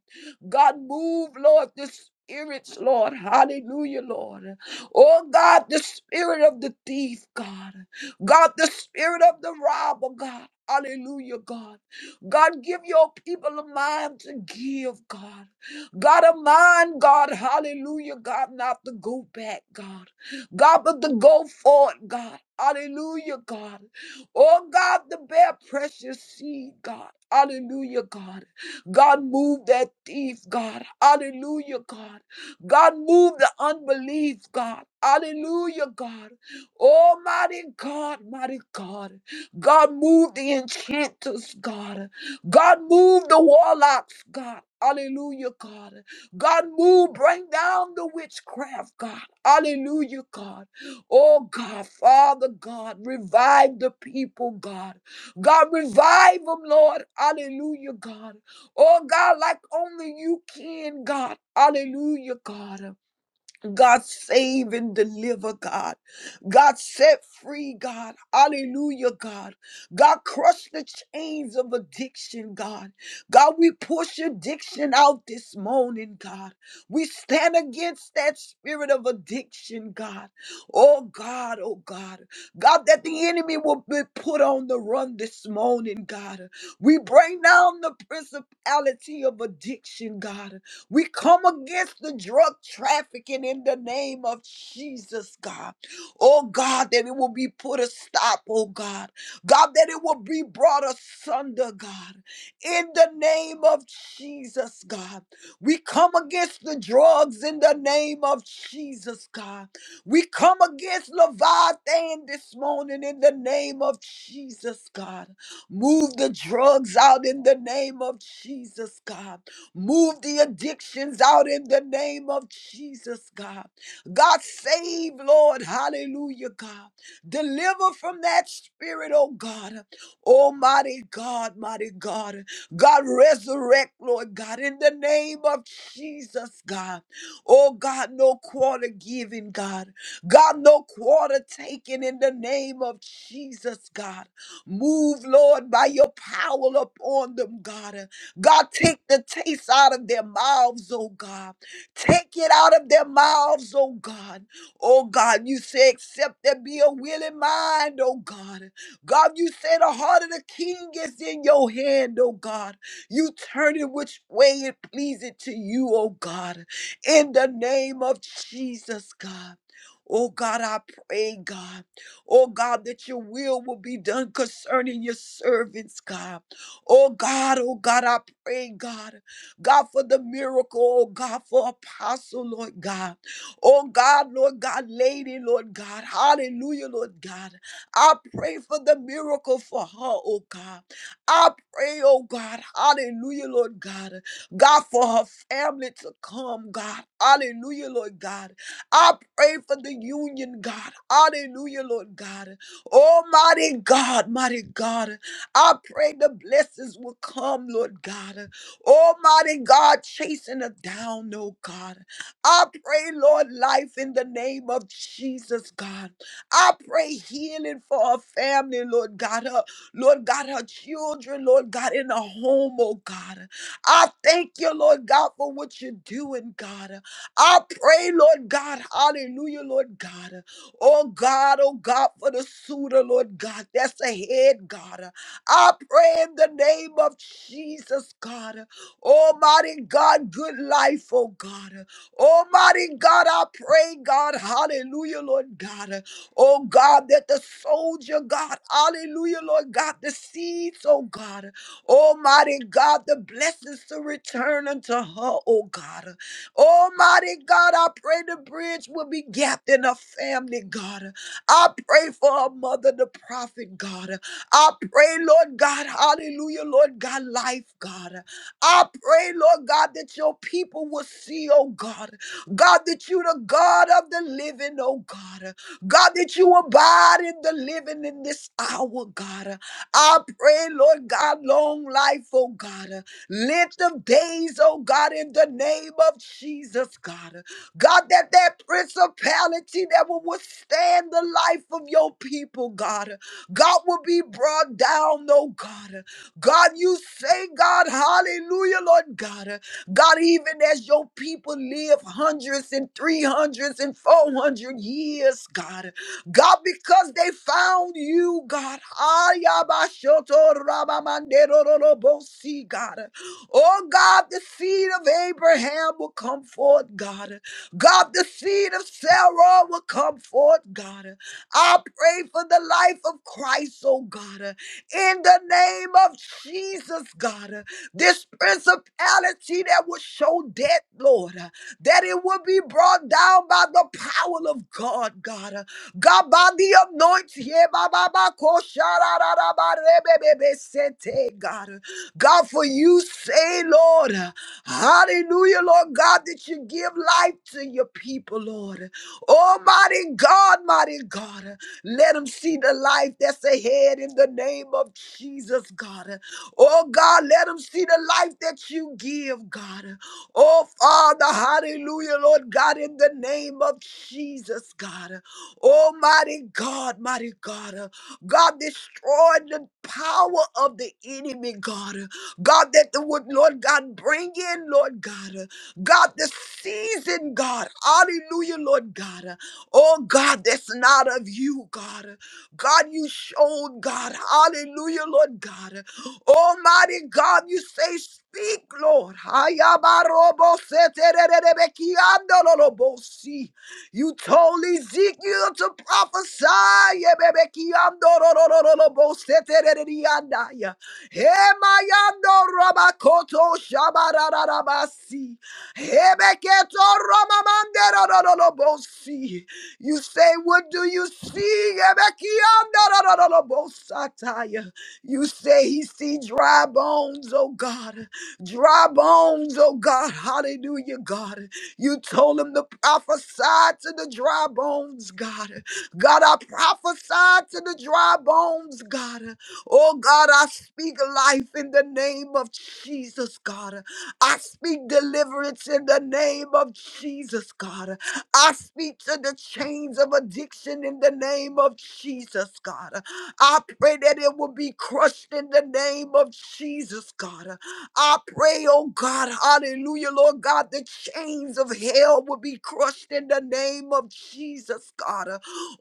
God, move, Lord, the spirits, Lord. Hallelujah, Lord. Oh God, the spirit of the thief, God. God, the spirit of the robber, God. Hallelujah, God. God, give your people a mind to give, God. God, a mind, God. Hallelujah, God. Not to go back, God. God, but to go forward, God. Hallelujah, God. Oh, God, the bare precious seed, God. Hallelujah, God. God, move that thief, God. Hallelujah, God. God, move the unbelief, God. Hallelujah, God. Almighty God, mighty God. God, move the enchanters, God. God, move the warlocks, God. Hallelujah, God. God, move, bring down the witchcraft, God. Hallelujah, God. Oh, God, Father God, revive the people, God. God, revive them, Lord. Hallelujah, God. Oh, God, like only you can, God. Hallelujah, God. God save and deliver, God. God set free, God. Hallelujah, God. God crush the chains of addiction, God. God, we push addiction out this morning, God. We stand against that spirit of addiction, God. Oh, God, oh, God. God, that the enemy will be put on the run this morning, God. We bring down the principality of addiction, God. We come against the drug trafficking in the name of Jesus, God. Oh, God, that it will be put a stop, oh, God. God, that it will be brought asunder, God. In the name of Jesus, God. We come against the drugs in the name of Jesus, God. We come against Leviathan this morning in the name of Jesus, God. Move the drugs out in the name of Jesus, God. Move the addictions out in the name of Jesus, God. God save, Lord. Hallelujah, God. Deliver from that spirit, oh God. Almighty God, mighty God. God, resurrect, Lord God, in the name of Jesus, God. Oh God, no quarter given, God. God, no quarter taken in the name of Jesus, God. Move, Lord, by your power upon them, God. God, take the taste out of their mouths, oh God. Take it out of their mouths, oh God. Oh God, you say, except there be a willing mind, oh God. God, you say the heart of the king is in your hand, oh God. You turn it which way it pleases to you, oh God. In the name of Jesus, God. Oh God, I pray, God. Oh God, that your will will be done concerning your servants, God. Oh God, oh God, I pray, God, God, for the miracle, oh God, for apostle, Lord God. Oh God, Lord God, lady, Lord God. Hallelujah, Lord God. I pray for the miracle for her, oh God. I pray, oh God, hallelujah, Lord God. God, for her family to come, God. Hallelujah, Lord God. I pray for the union, God. Hallelujah, Lord God. Almighty God, mighty God. I pray the blessings will come, Lord God. Almighty God, chasing us down, oh God. I pray, Lord, life in the name of Jesus, God. I pray healing for her family, Lord God. Her, Lord God, her children, Lord God, in the home, oh God. I thank you, Lord God, for what you're doing, God. I pray, Lord God, hallelujah, Lord God. Oh God, oh God, for the suitor, Lord God, that's ahead, God. I pray in the name of Jesus, God. Almighty God, good life, oh God. Almighty God, I pray, God, hallelujah, Lord God. Oh God, that the soldier, God, hallelujah, Lord God, the seeds, oh God. Almighty God, the blessings to return unto her, oh God. Almighty God, I pray the bridge will be gapped in her family, God. I pray for her mother, the prophet, God. I pray, Lord God, hallelujah, Lord God, life, God. I pray, Lord God, that your people will see, oh God, God, that you the God of the living, oh God, God, that you abide in the living in this hour, God. I pray, Lord God, long life, oh God, length of days, oh God, in the name of Jesus, God. God, that that principality that will withstand the life of your people, God. God will be brought down, oh God. God, you say, God, hallelujah, Lord God. God, even as your people live hundreds and three hundreds and four hundred years, God, God, because they found you, God. Ayabashotorabamandorolobosi, God. Oh, God, the seed of Abraham will come forth, God. God, the seed of Sarah will come forth, God. I pray for the life of Christ, oh God, uh, in the name of Jesus, God. uh, This principality that will show death, Lord that it would be brought down by the power of God, God. Uh, God, by the anointing, yeah, ba, ba, ba, ko, sha, ra, ra, ra, ba, re, be, be, be, se, te, God. Uh, God, for you say, Lord, uh, hallelujah, Lord God, that you give life to your people, Lord. Almighty God, mighty God, uh, let them see the life that's ahead in the name of Jesus, God. Uh, Oh God, let them see the life that you give, God. Oh, Father, hallelujah, Lord God, in the name of Jesus, God. Almighty God, mighty God. uh, God, destroy the power of the enemy, God. uh, God, that the would, Lord God, bring in, Lord God. uh, God, the season, God. Hallelujah, Lord God. uh, Oh, God, that's not of you, God. uh, God, you showed, God. Hallelujah, Lord God. Almighty God, you say, Speak, Lord. Hayabaroboseterererebekiandololobosi. You told Ezekiel to prophesy. Yebebekiandolololoboseterereriandaya. Hemayandorabakoto shabarararabasi. Hebeketoromamanderolololobosi. You say, What do you see? Yebekiandolololobosataya. You say he see dry bones, oh God. Dry bones, oh God. Hallelujah, God. You told him to prophesy to the dry bones, God. God, I prophesy to the dry bones, God. Oh God, I speak life in the name of Jesus, God. I speak deliverance in the name of Jesus, God. I speak to the chains of addiction in the name of Jesus, God. I pray that it will be crushed in the name of Jesus, God. I pray, oh God, hallelujah, Lord God, the chains of hell will be crushed in the name of Jesus, God.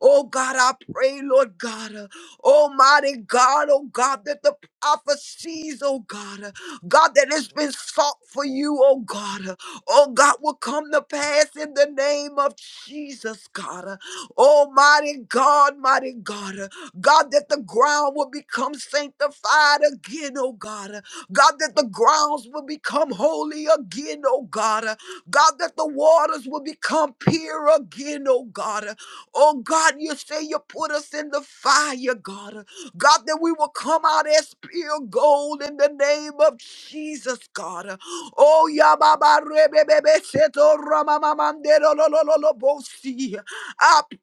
Oh God, I pray, Lord God, Almighty God, oh God, that the prophecies, oh God, God, that has been sought for you, oh God oh God, will come to pass in the name of Jesus, God. Uh, Almighty God, mighty God. Uh, God, that the ground will become sanctified again, oh God. Uh, God, that the grounds will become holy again, oh God. Uh, God, that the waters will become pure again, oh God. Uh, Oh God, you say you put us in the fire, God. God, that we will come out as pure gold in the name of Jesus, God. Oh, Yababa Rebebebe Seto Ramamamandero Lololobosi.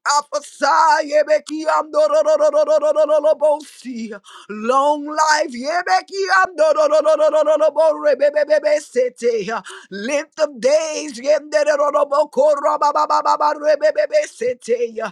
Prophesy, Yebeki Amdorolololololobosi. Long life, Yebeki Amdorolololololoborebebebe Sete. Length of days, Yenderoloboko Rabababa Rebebebe Sete.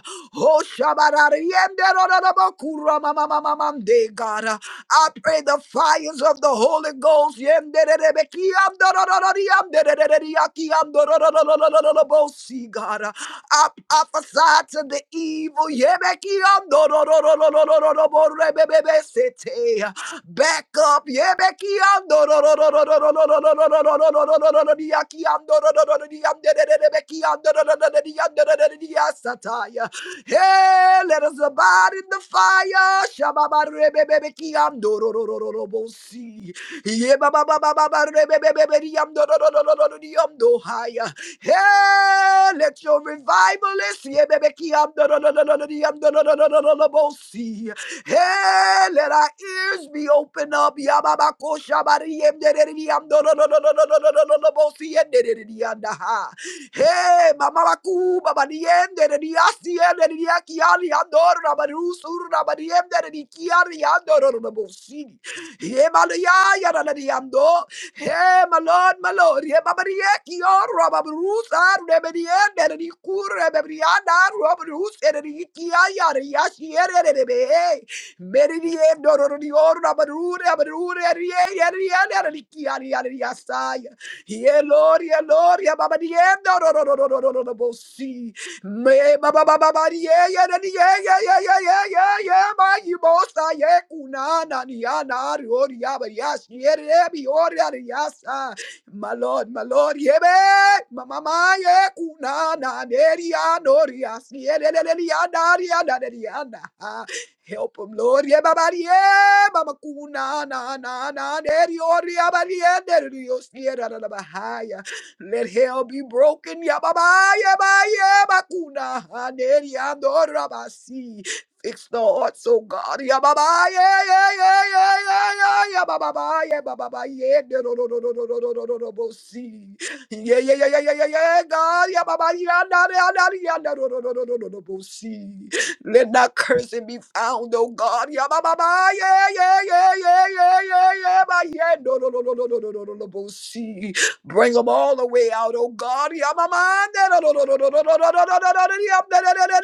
Hey, let us abide in the fire. Shababarebebebekiandororororobosi. Yebababababarebebebeberiyamdorororororiyamdohaya. Hey, let your revivalist. yebebekiandorororororiyamdorororororobosi. Hey, let our ears be open up. Yababakoshabariyemdereriyamdororororororobosi. Yendereriyandaha. Hey, mamalaku, babadiende, de diasiende, de diakiani, andor, rabarusur, rabadiende, de dikiani, andor, rabosini. Hey, malaya, yada, de diando. Hey, my lord, my lord. Hey, babadieki, or rabarusa, rebediende, de dikur, rebebriana, rabarus, de dikiaya, de yasiere, de be. Meridiendo, de dior, rabarure, rabarure, de diere, de diere, de dikiani, de diasaya. Yeah, Lord, yeah, Lord, yeah, Baba, yeah, no, no, no, no, no, no, no, no, no, no, see. Me, Baba, Baba, Baba, yeah, yeah, yeah, yeah, yeah, yeah, yeah, yeah, yeah, yeah, my, you boss, I, yeah, kunana, yeah, na, rio, yeah, but yes, yeah, yeah, be, oh, yeah, yes, ah. My Lord, my Lord, yeah, be, my ma yeah, kunana, yeah, yeah, no, yes, yeah, yeah, yeah, yeah, yeah, yeah, yeah, yeah, yeah, yeah, yeah. Help them, Lord. Ye babari, Yebabarie, mamakuna, na, na, na, neriori, abarie, nerios, niera, na, na, bahaya. Let hell be broken. Yababaye, baye, bakuna, ha, neriando, rabasi. Fix the hearts, oh God. Yeah, Yababaye, yeah, yeah, yeah, yeah, yeah, yeah, yeah, baba, baba, yeah, bababaye, bababaye, no, no, no, no, no, no, no, no, no, no, no, no, see. Yeah, yeah, yeah, yeah, yeah, yeah, yeah, God. Yababaye, na, na, na, na, na, yeah, no, no, no, no, no, no, no, no, see. Let not cursing be found, oh God. Yeah, ba, ba, ba, yeah, yeah, yeah, yeah, yeah, yeah, yeah, ba, yeah. No, no, no, no, no, no, no, no, no, no, no, see. Bring them all the way out, oh God. Yeah, ma, ma, no, no, no, no, no, no, no, no, no, no, no, no, no, yeah, da, da, da, da,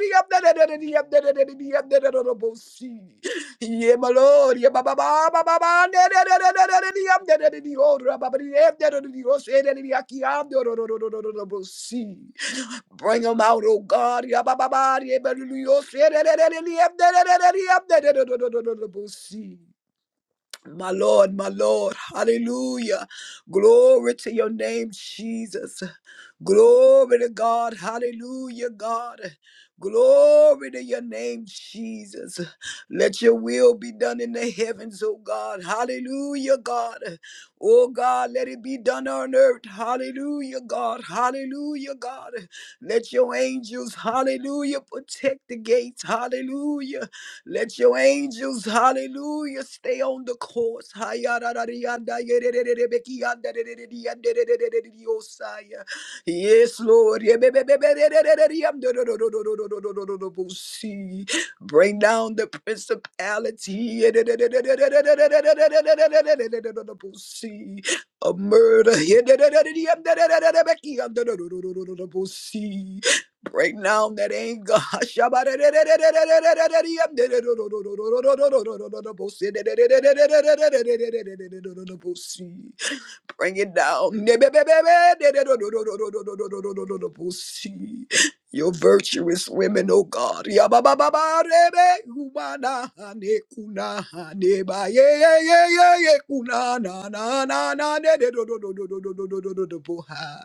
yeah, da, da, da, da, yeah, da, da, da, da, yeah, da, da, da, da, no, see. Yeah, my Lord. Yeah, ba, ba, ba, ba, ba, ba, da, da, da, da, da, da, da, yeah, da, da, da, da, oh, ra, ba, ba, da, yeah, da, da, da, da, oh, say, da, da, da, yeah, yeah, da, da, da, da, no, no, no, no, no, no, no, see. Bring them out, oh God. Yabababa, yebelulu, yosi, ededededede, yebdedededede, yebdedededede, see. My Lord, my Lord, hallelujah. Glory to your name, Jesus. Glory to God, hallelujah, God. Glory to your name, Jesus. Let your will be done in the heavens, oh God, hallelujah, God. Oh God, let it be done on earth, hallelujah, God, hallelujah, God. Let your angels, hallelujah, protect the gates, hallelujah. Let your angels, hallelujah, stay on the course. Hayararariyanda, Yes, Lord. Bring down the principality yerererererererereredodododododododododododododododobosii. of murder. Break down that anger. Bring it down. (laughs) Your virtuous women, oh God. Yabababarebe, humana, hane, kuna, hane, ba, ye, ye, ye, ye, ye, kuna, na, na, na, na, ne, de, do, do, do, do, do, do, do, do, do, do, do, bo, ha.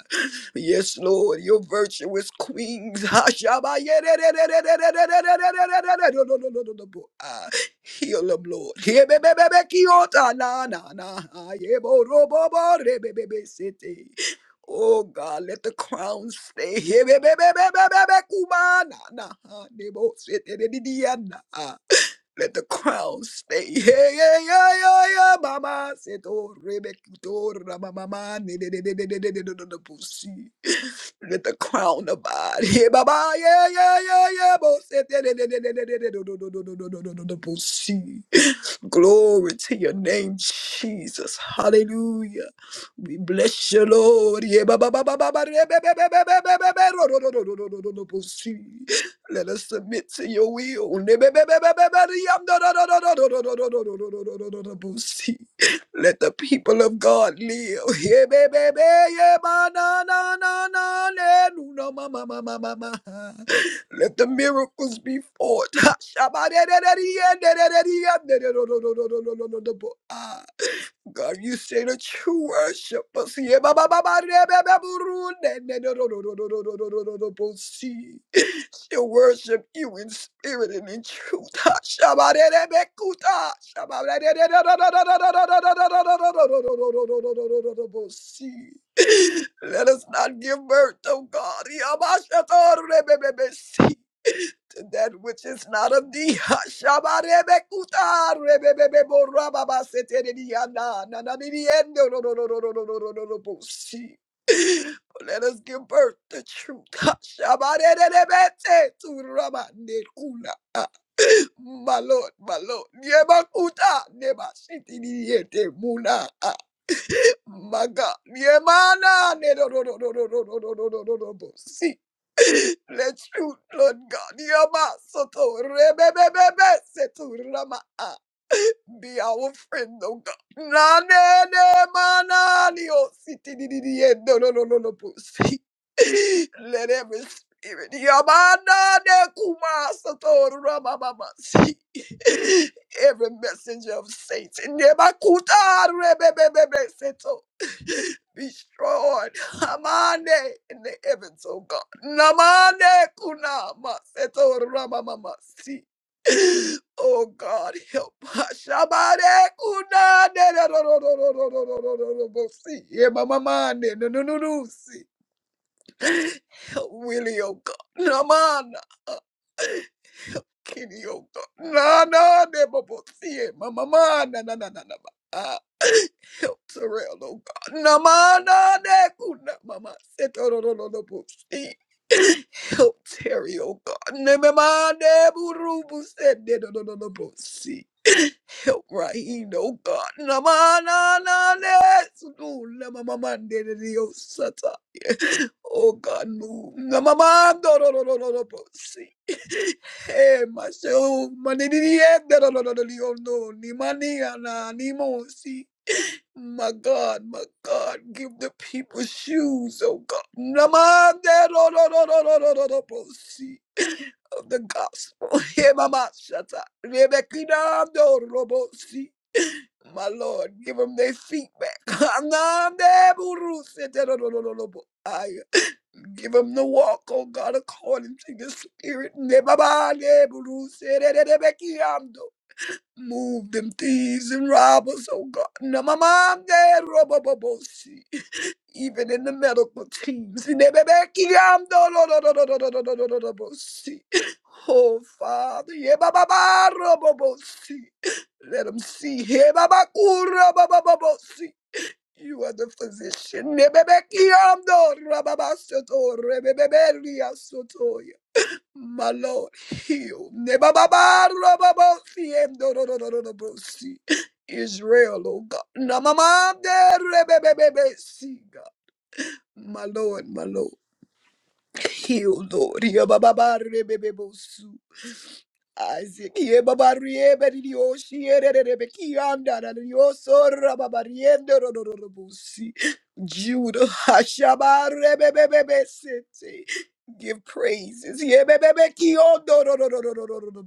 Yes, Lord, your virtuous queens. ha, shaba, ye, de, de, de, de, de, de, de, de, de, de, de, de, de, do, do, do, do, do, do, bo, ha. Heal them, Lord. Hebebebebekiota na na na. ha, ye bo- ro- bo- bo- re- be- be- be- city. Oh God, let the crowns stay. Hebebebebebebekuma na na. Nebosete de diana. Let the crown stay. (laughs) Yeah, yeah, yeah, yeah, yeah, mama. Seto rebekito ramamama. Ne- ne- ne- ne- ne- ne- ne- ne- ne- ne- ne- Pussy. Let the crown abide. (laughs) Yeah, baba. Yeah, yeah, yeah, yeah. bo- se- de- de- de- de- de- de- de- de- do- do- do- do- do- do- do- do- do- do- pussy. (sighs) Glory to your name, Jesus. Hallelujah. We bless you, Lord. Yeah, ba- ba- ba- ba- ba- ba- re- be- be- be- be- be- be- be- be- ro- ro- ro- ro- ro- ro- ro- ro- pussy. Let us submit to your will. Let the people of God live. Let the miracles be forth. God, you say that you worship us. We worship you in spirit and in truth. Let us not give birth to God that which is not of thee. (laughs) Shabarebekuta rebebebebo rababaseterediana nananiriendo no no no no no no no no no no bosi. (laughs) Let us give birth to truth. (laughs) Shabarerebete tu rabanekuna. (laughs) My Lord, my Lord. Yebakuta nebasitiriete muna. (laughs) My God. Yemana ne no no no no no no no no no no no bosi. Let you, Lord God, Yama Soto Rebebebe Seto Rama be our friend, oh God. Nane ne ne manani o siti di di di e no no no no no pussy. Let every spirit Yamana ne kuma Soto Rama Mama see every messenger of Satan Nemakuta Rebebebe Seto be destroyed Amande in the heavens, oh God. Namande kuna maseto ramamamasi. Oh God, help (laughs) us. Shabade kuna de de ro ro ro ro ro ro ro ro ro ro ro si. Ye mamamande no no no no si. Help Willie, oh God. Namana. uh, Kenny, oh God. Na na de bobo si. Mamamana na na na na na. na. Ah. surround, oh God. Namana Setorolobusi. (coughs) Help Terry, oh God. Nememane burubu sededolobusi. Help Raheem, oh God. Namana nane sudula mamamande sata. Oh (coughs) God, move. Namamandololobusi. Eh, (coughs) my soul, manini, eh, dololololio, no, ni mania, na, ni mosi. My God, my God, give the people shoes, oh God. Namande ro- ro- ro- ro- ro- ro- ro- ro- ro- see Of the gospel. (laughs) Hey, Mama Shata. Rebekina do robo see. My Lord, give them their feet back. (laughs) Namande buru sete ro- ro- ro- ro- ro- bo- aye. Give them the walk, oh God, according to the Spirit. Ne baba ne buru sete re- re- rebekina do. Move them thieves and robbers, oh God. Now my mom, dad, rubber see. Even in the medical teams. in the back, yum, do, do, do, do, do, do, do, do, do, do, do, do- bo- see. Oh Father, yeah, ba, ba, ba, rubber see. Let them see. Hey, Baba Kura, Baba Baba, see. You are the physician. Nebebe kiyam do rababa soto rebebebe my Lord, heal. Nebababarababasi, emdororororobosi. Israel, oh God. Namamaderebebebebesi, God. My Lord, my Lord. Heal, Lord. Yabababarebebebosu. Asikie babarie beririo shiere rebe kianda na rio sorra babariendo ro ro ro busi. Judah hashabare bebe bebe sete. Give praises. Ye bebe be kiondo ro ro ro ro ro ro ro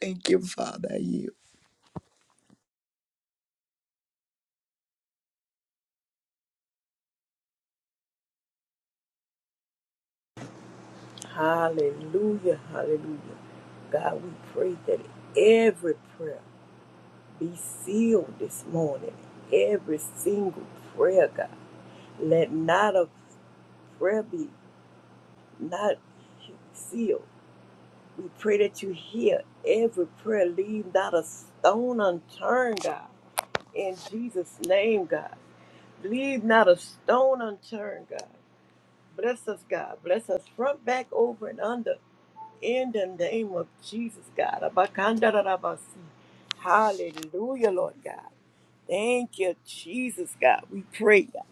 Thank you, Father. Hallelujah, hallelujah. God, we pray that every prayer be sealed this morning. Every single prayer, God. Let not a prayer be not sealed. We pray that you hear every prayer. Leave not a stone unturned, God. In Jesus' name, God. Leave not a stone unturned, God. Bless us, God. Bless us front, back, over, and under. In the name of Jesus, God. Abakandarabasi. Hallelujah, Lord God. Thank you, Jesus, God. We pray God,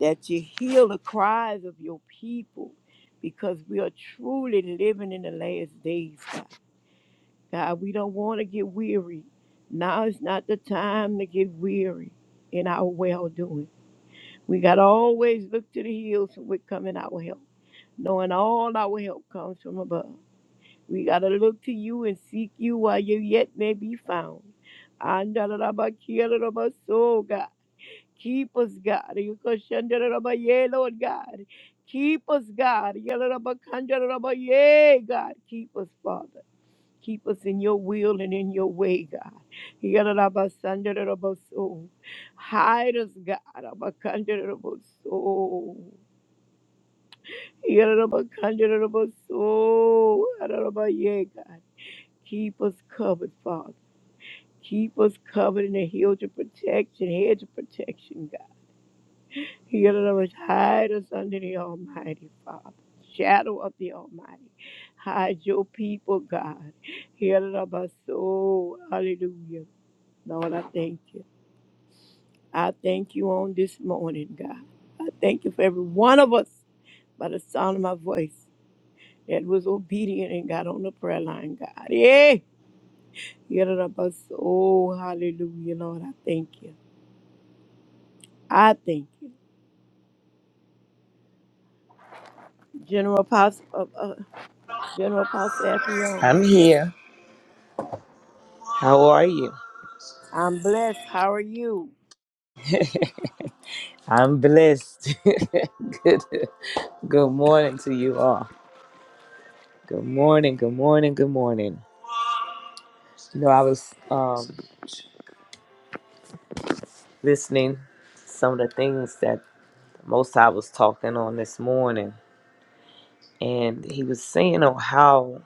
that you heal the cries of your people because we are truly living in the last days, God. God, we don't want to get weary. Now is not the time to get weary in our well doing. We got to always look to the hills from which coming our help, knowing all our help comes from above. We got to look to you and seek you while you yet may be found. Andalarabakialarabaso, God. Keep us, God. Yukashandarabaye, Lord God. Keep us, God. Yalarabakandarabaye, God. Keep us, Father. Keep us in your will and in your way, God. Yadadabasandaroboso. Hide us, God. Abakandaroboso. Yadadabakandaroboso. Adadabaye, God. Keep us covered, Father. Keep us covered in the hedge of protection, hedge of protection, God. Yadadabash- Hide us under the Almighty, Father. Shadow of the Almighty. Hide your people, God. Yadadabaso. Hallelujah. Lord, I thank you. I thank you on this morning, God. I thank you for every one of us by the sound of my voice that was obedient and got on the prayer line, God. Yeah. Get it up us. Oh, hallelujah, Lord. I thank you. I thank you. General Apostle, uh, uh, General Apostle Effion. I'm Yes. here. How are you? I'm blessed. How are you? I'm blessed. (laughs) good, good morning to you all. Good morning. Good morning. Good morning. You know, I was um, listening to some of the things that most I was talking on this morning, and he was saying on how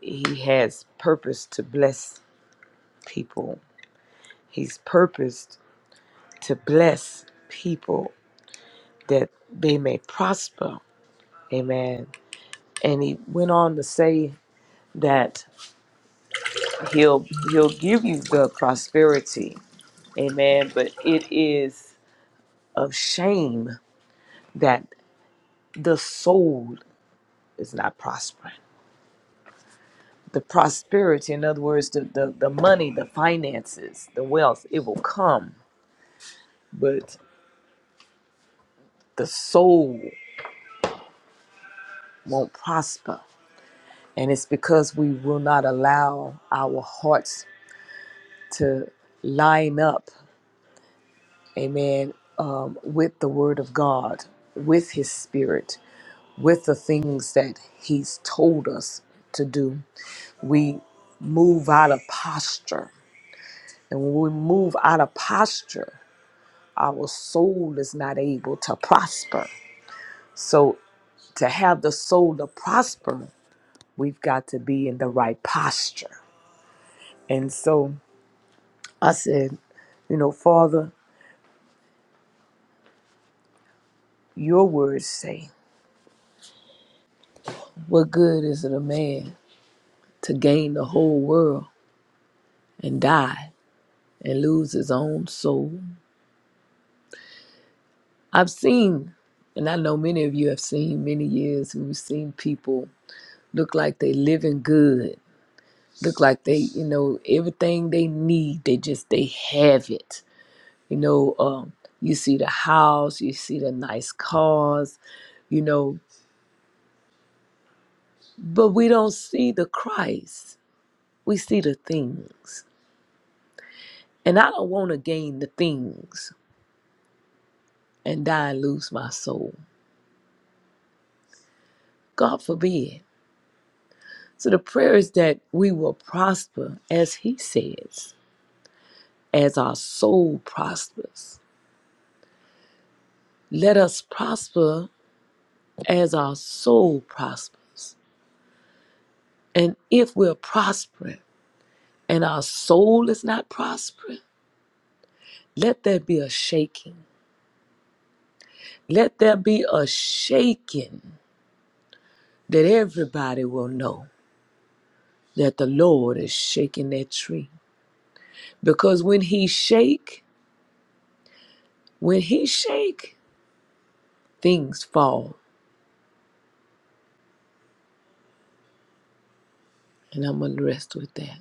he has purpose to bless people. He's purposed to bless people that they may prosper. Amen. And he went on to say that he'll he'll give you the prosperity. Amen. But it is of shame that the soul is not prospering. The prosperity, in other words, the, the, the money, the finances, the wealth, it will come but the soul won't prosper. And it's because we will not allow our hearts to line up, amen, um, with the Word of God, with His Spirit, with the things that He's told us to do. We move out of posture. And when we move out of posture, our soul is not able to prosper. So, to have the soul to prosper, We've got to be in the right posture. And so I said, you know, Father, your words say, what good is it a man to gain the whole world and die and lose his own soul? I've seen, and I know many of you have seen many years, we've seen people look like they living good, look like they, you know, everything they need, they just, they have it. You know, um, you see the house, you see the nice cars, you know, But we don't see the Christ. We see the things. And I don't want to gain the things and die and lose my soul. God forbid. So the prayer is that we will prosper as he says, as our soul prospers. Let us prosper as our soul prospers. And if we're prospering and our soul is not prospering, let there be a shaking. Let there be a shaking that everybody will know that the Lord is shaking that tree. Because when he shake, when he shake, things fall. And I'm gonna rest with that.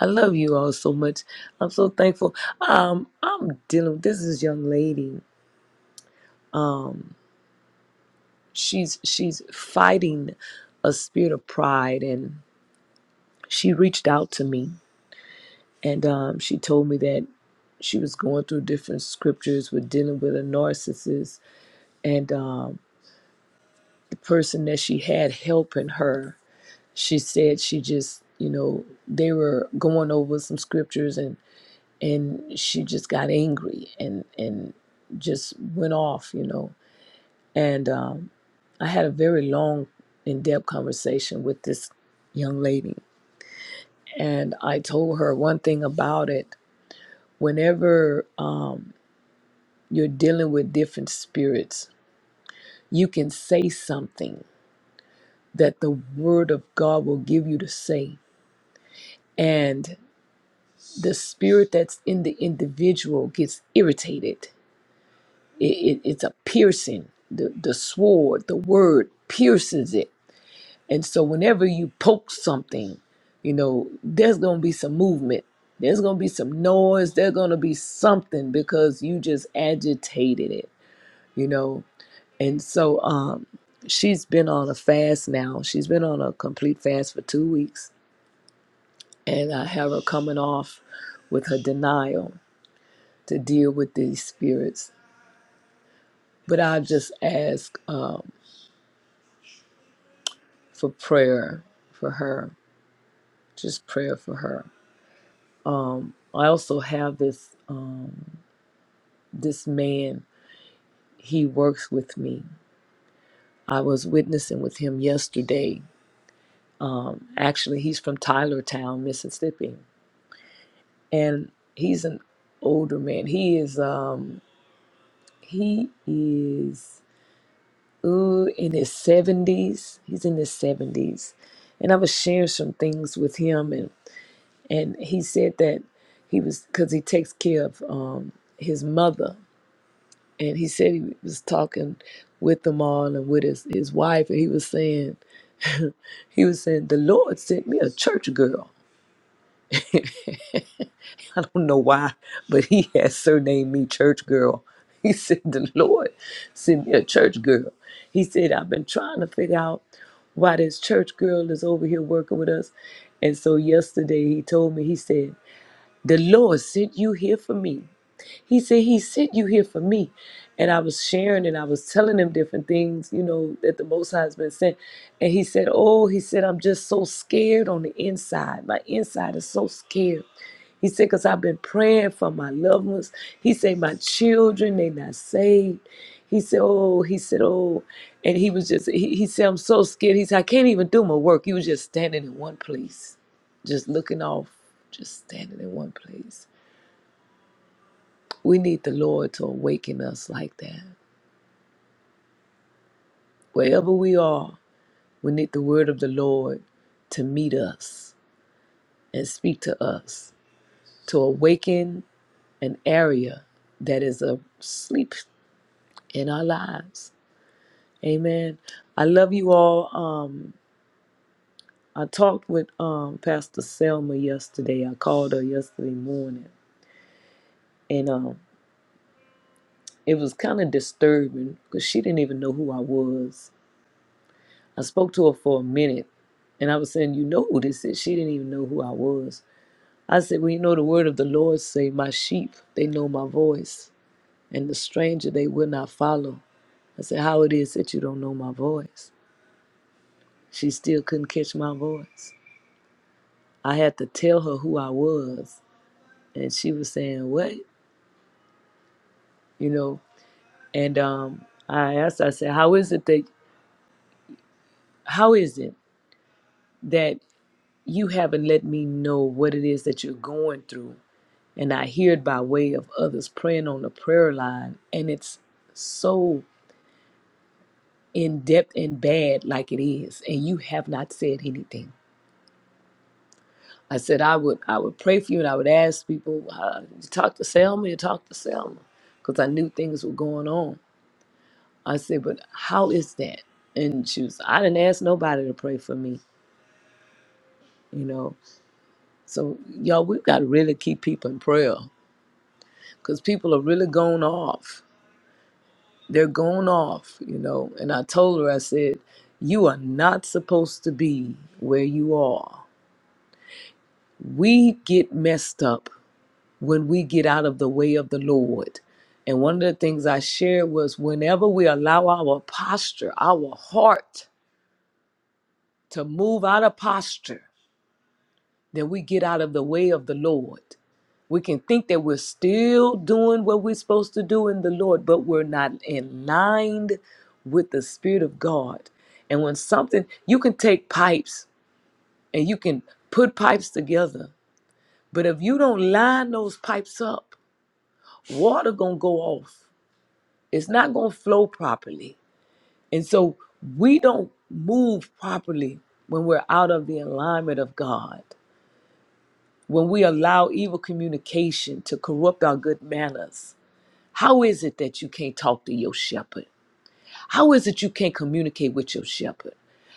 I love you all so much. I'm so thankful. Um, I'm dealing with this is young lady. She's she's fighting a spirit of pride and she reached out to me and um, she told me that she was going through different scriptures with dealing with a narcissist and um, person that she had helping her, she said she just, you know, they were going over some scriptures and and she just got angry and and just went off, you know. And um, I had a very long, in-depth conversation with this young lady, and I told her one thing about it. Whenever um, you're dealing with different spirits, you can say something that the Word of God will give you to say, and the spirit that's in the individual gets irritated. It, it, it's a piercing. The, the sword, the word pierces it. And so whenever you poke something, you know, there's going to be some movement. There's going to be some noise. There's going to be something because you just agitated it, you know. And so um, she's been on a fast now. She's been on a complete fast for two weeks. And I have her coming off with her denial to deal with these spirits. But I just ask um, for prayer for her, just prayer for her. Um, I also have this um, this man. He works with me. I was witnessing with him yesterday. Actually, he's from Tylertown, Mississippi, and he's an older man. He is um, he is ooh in his seventies. He's in his seventies, and I was sharing some things with him and. and he said that he was because he takes care of um, his mother and he said he was talking with them all and with his, his wife and he was saying he was saying the lord sent me a church girl (laughs) i don't know why but he has surnamed me church girl (laughs) he said the lord sent me a church girl he said i've been trying to figure out why this church girl is over here working with us and so yesterday he told me he said the lord sent you here for me He said, He sent you here for me. And I was sharing and I was telling him different things, you know, that the Most High has been sent. And he said, Oh, he said, I'm just so scared on the inside. My inside is so scared. He said, because I've been praying for my loved ones. He said, my children, they not saved. He said, oh, he said, oh. And he was just, he, he said, I'm so scared. He said, I can't even do my work. He was just standing in one place, just looking off, just standing in one place. We need the Lord to awaken us like that. Wherever we are, we need the word of the Lord to meet us and speak to us, to awaken an area that is asleep in our lives. Amen. I love you all. Um, I talked with um, Pastor Selma yesterday. I called her yesterday morning, and um, it was kind of disturbing because she didn't even know who I was I spoke to her for a minute and I was saying, You know who this is? She didn't even know who I was. I said, Well, you know, the word of the Lord say, My sheep, they know my voice, and the stranger they will not follow. I said, How it is that you don't know my voice? She still couldn't catch my voice. I had to tell her who I was, and she was saying, What? You know, and um, I asked, I said, How is it that, how is it that you haven't let me know what it is that you're going through? And I hear it by way of others praying on the prayer line. And it's so in depth and bad like it is. And you have not said anything. I said I would I would pray for you and I would ask people, uh, you talk to Selma, you talk to Selma. Because I knew things were going on. I said, but how is that? And she was, I didn't ask nobody to pray for me, you know. So y'all, we've got to really keep people in prayer because people are really going off. they're going off, you know. And I told her, I said, You are not supposed to be where you are. We get messed up when we get out of the way of the Lord. And one of the things I shared was whenever we allow our posture, our heart to move out of posture, that we get out of the way of the Lord. We can think that we're still doing what we're supposed to do in the Lord, but we're not in line with the Spirit of God. And when something, you can take pipes and you can put pipes together, but if you don't line those pipes up, water gonna go off. It's not gonna flow properly. And so we don't move properly when we're out of the alignment of God. when we allow evil communication to corrupt our good manners, how is it that you can't talk to your shepherd? How is it you can't communicate with your shepherd?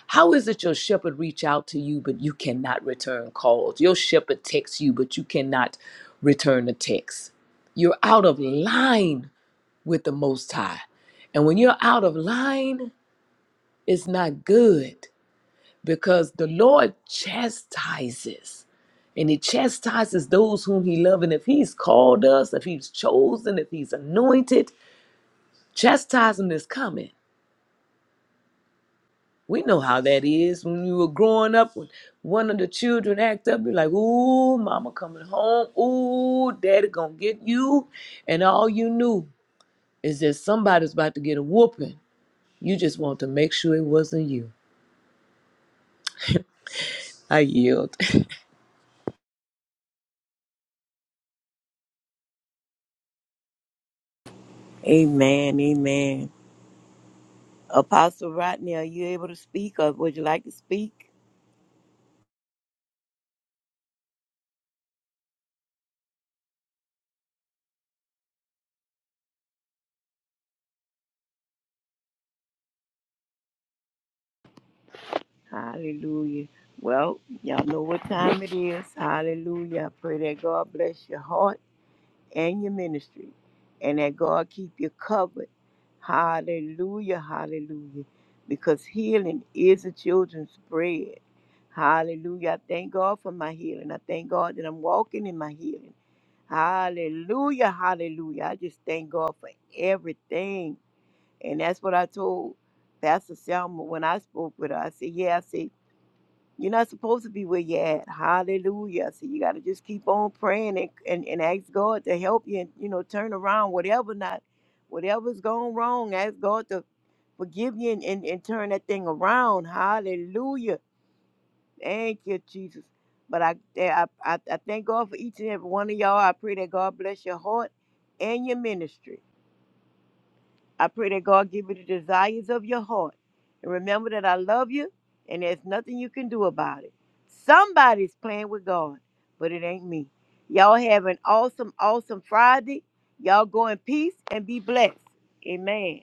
How is it your shepherd reach out to you but you cannot return calls? Your shepherd texts you but you cannot return the text. You're out of line with the most high. And when you're out of line, it's not good because the Lord chastises and he chastises those whom he loves. And if he's called us, if he's chosen, if he's anointed, chastisement is coming. We know how that is when you were growing up, when one of the children act up, you're like, ooh, mama coming home, ooh, daddy gonna get you. And all you knew is that somebody's about to get a whooping. You just want to make sure it wasn't you. I yield. (laughs) Amen. Amen. Apostle Rodney, are you able to speak or would you like to speak? Hallelujah. Well, y'all know what time it is. Hallelujah. I pray that God bless your heart and your ministry and that God keep you covered. Hallelujah. Hallelujah. Because healing is the children's bread. Hallelujah. I thank God for my healing. I thank God that I'm walking in my healing. Hallelujah. Hallelujah. I just thank God for everything. And that's what I told Pastor Selma when I spoke with her. I said, Yeah, I said, you're not supposed to be where you're at. Hallelujah. So you got to just keep on praying and, and, and ask God to help you and, you know, turn around whatever not, whatever's gone wrong. Ask God to forgive you and, and, and turn that thing around. Hallelujah. Thank you, Jesus. But I, I, I I thank God for each and every one of y'all. I pray that God bless your heart and your ministry. I pray that God give you the desires of your heart. And remember that I love you and there's nothing you can do about it. Somebody's playing with God, but it ain't me. Y'all have an awesome, awesome Friday. Y'all go in peace and be blessed. Amen.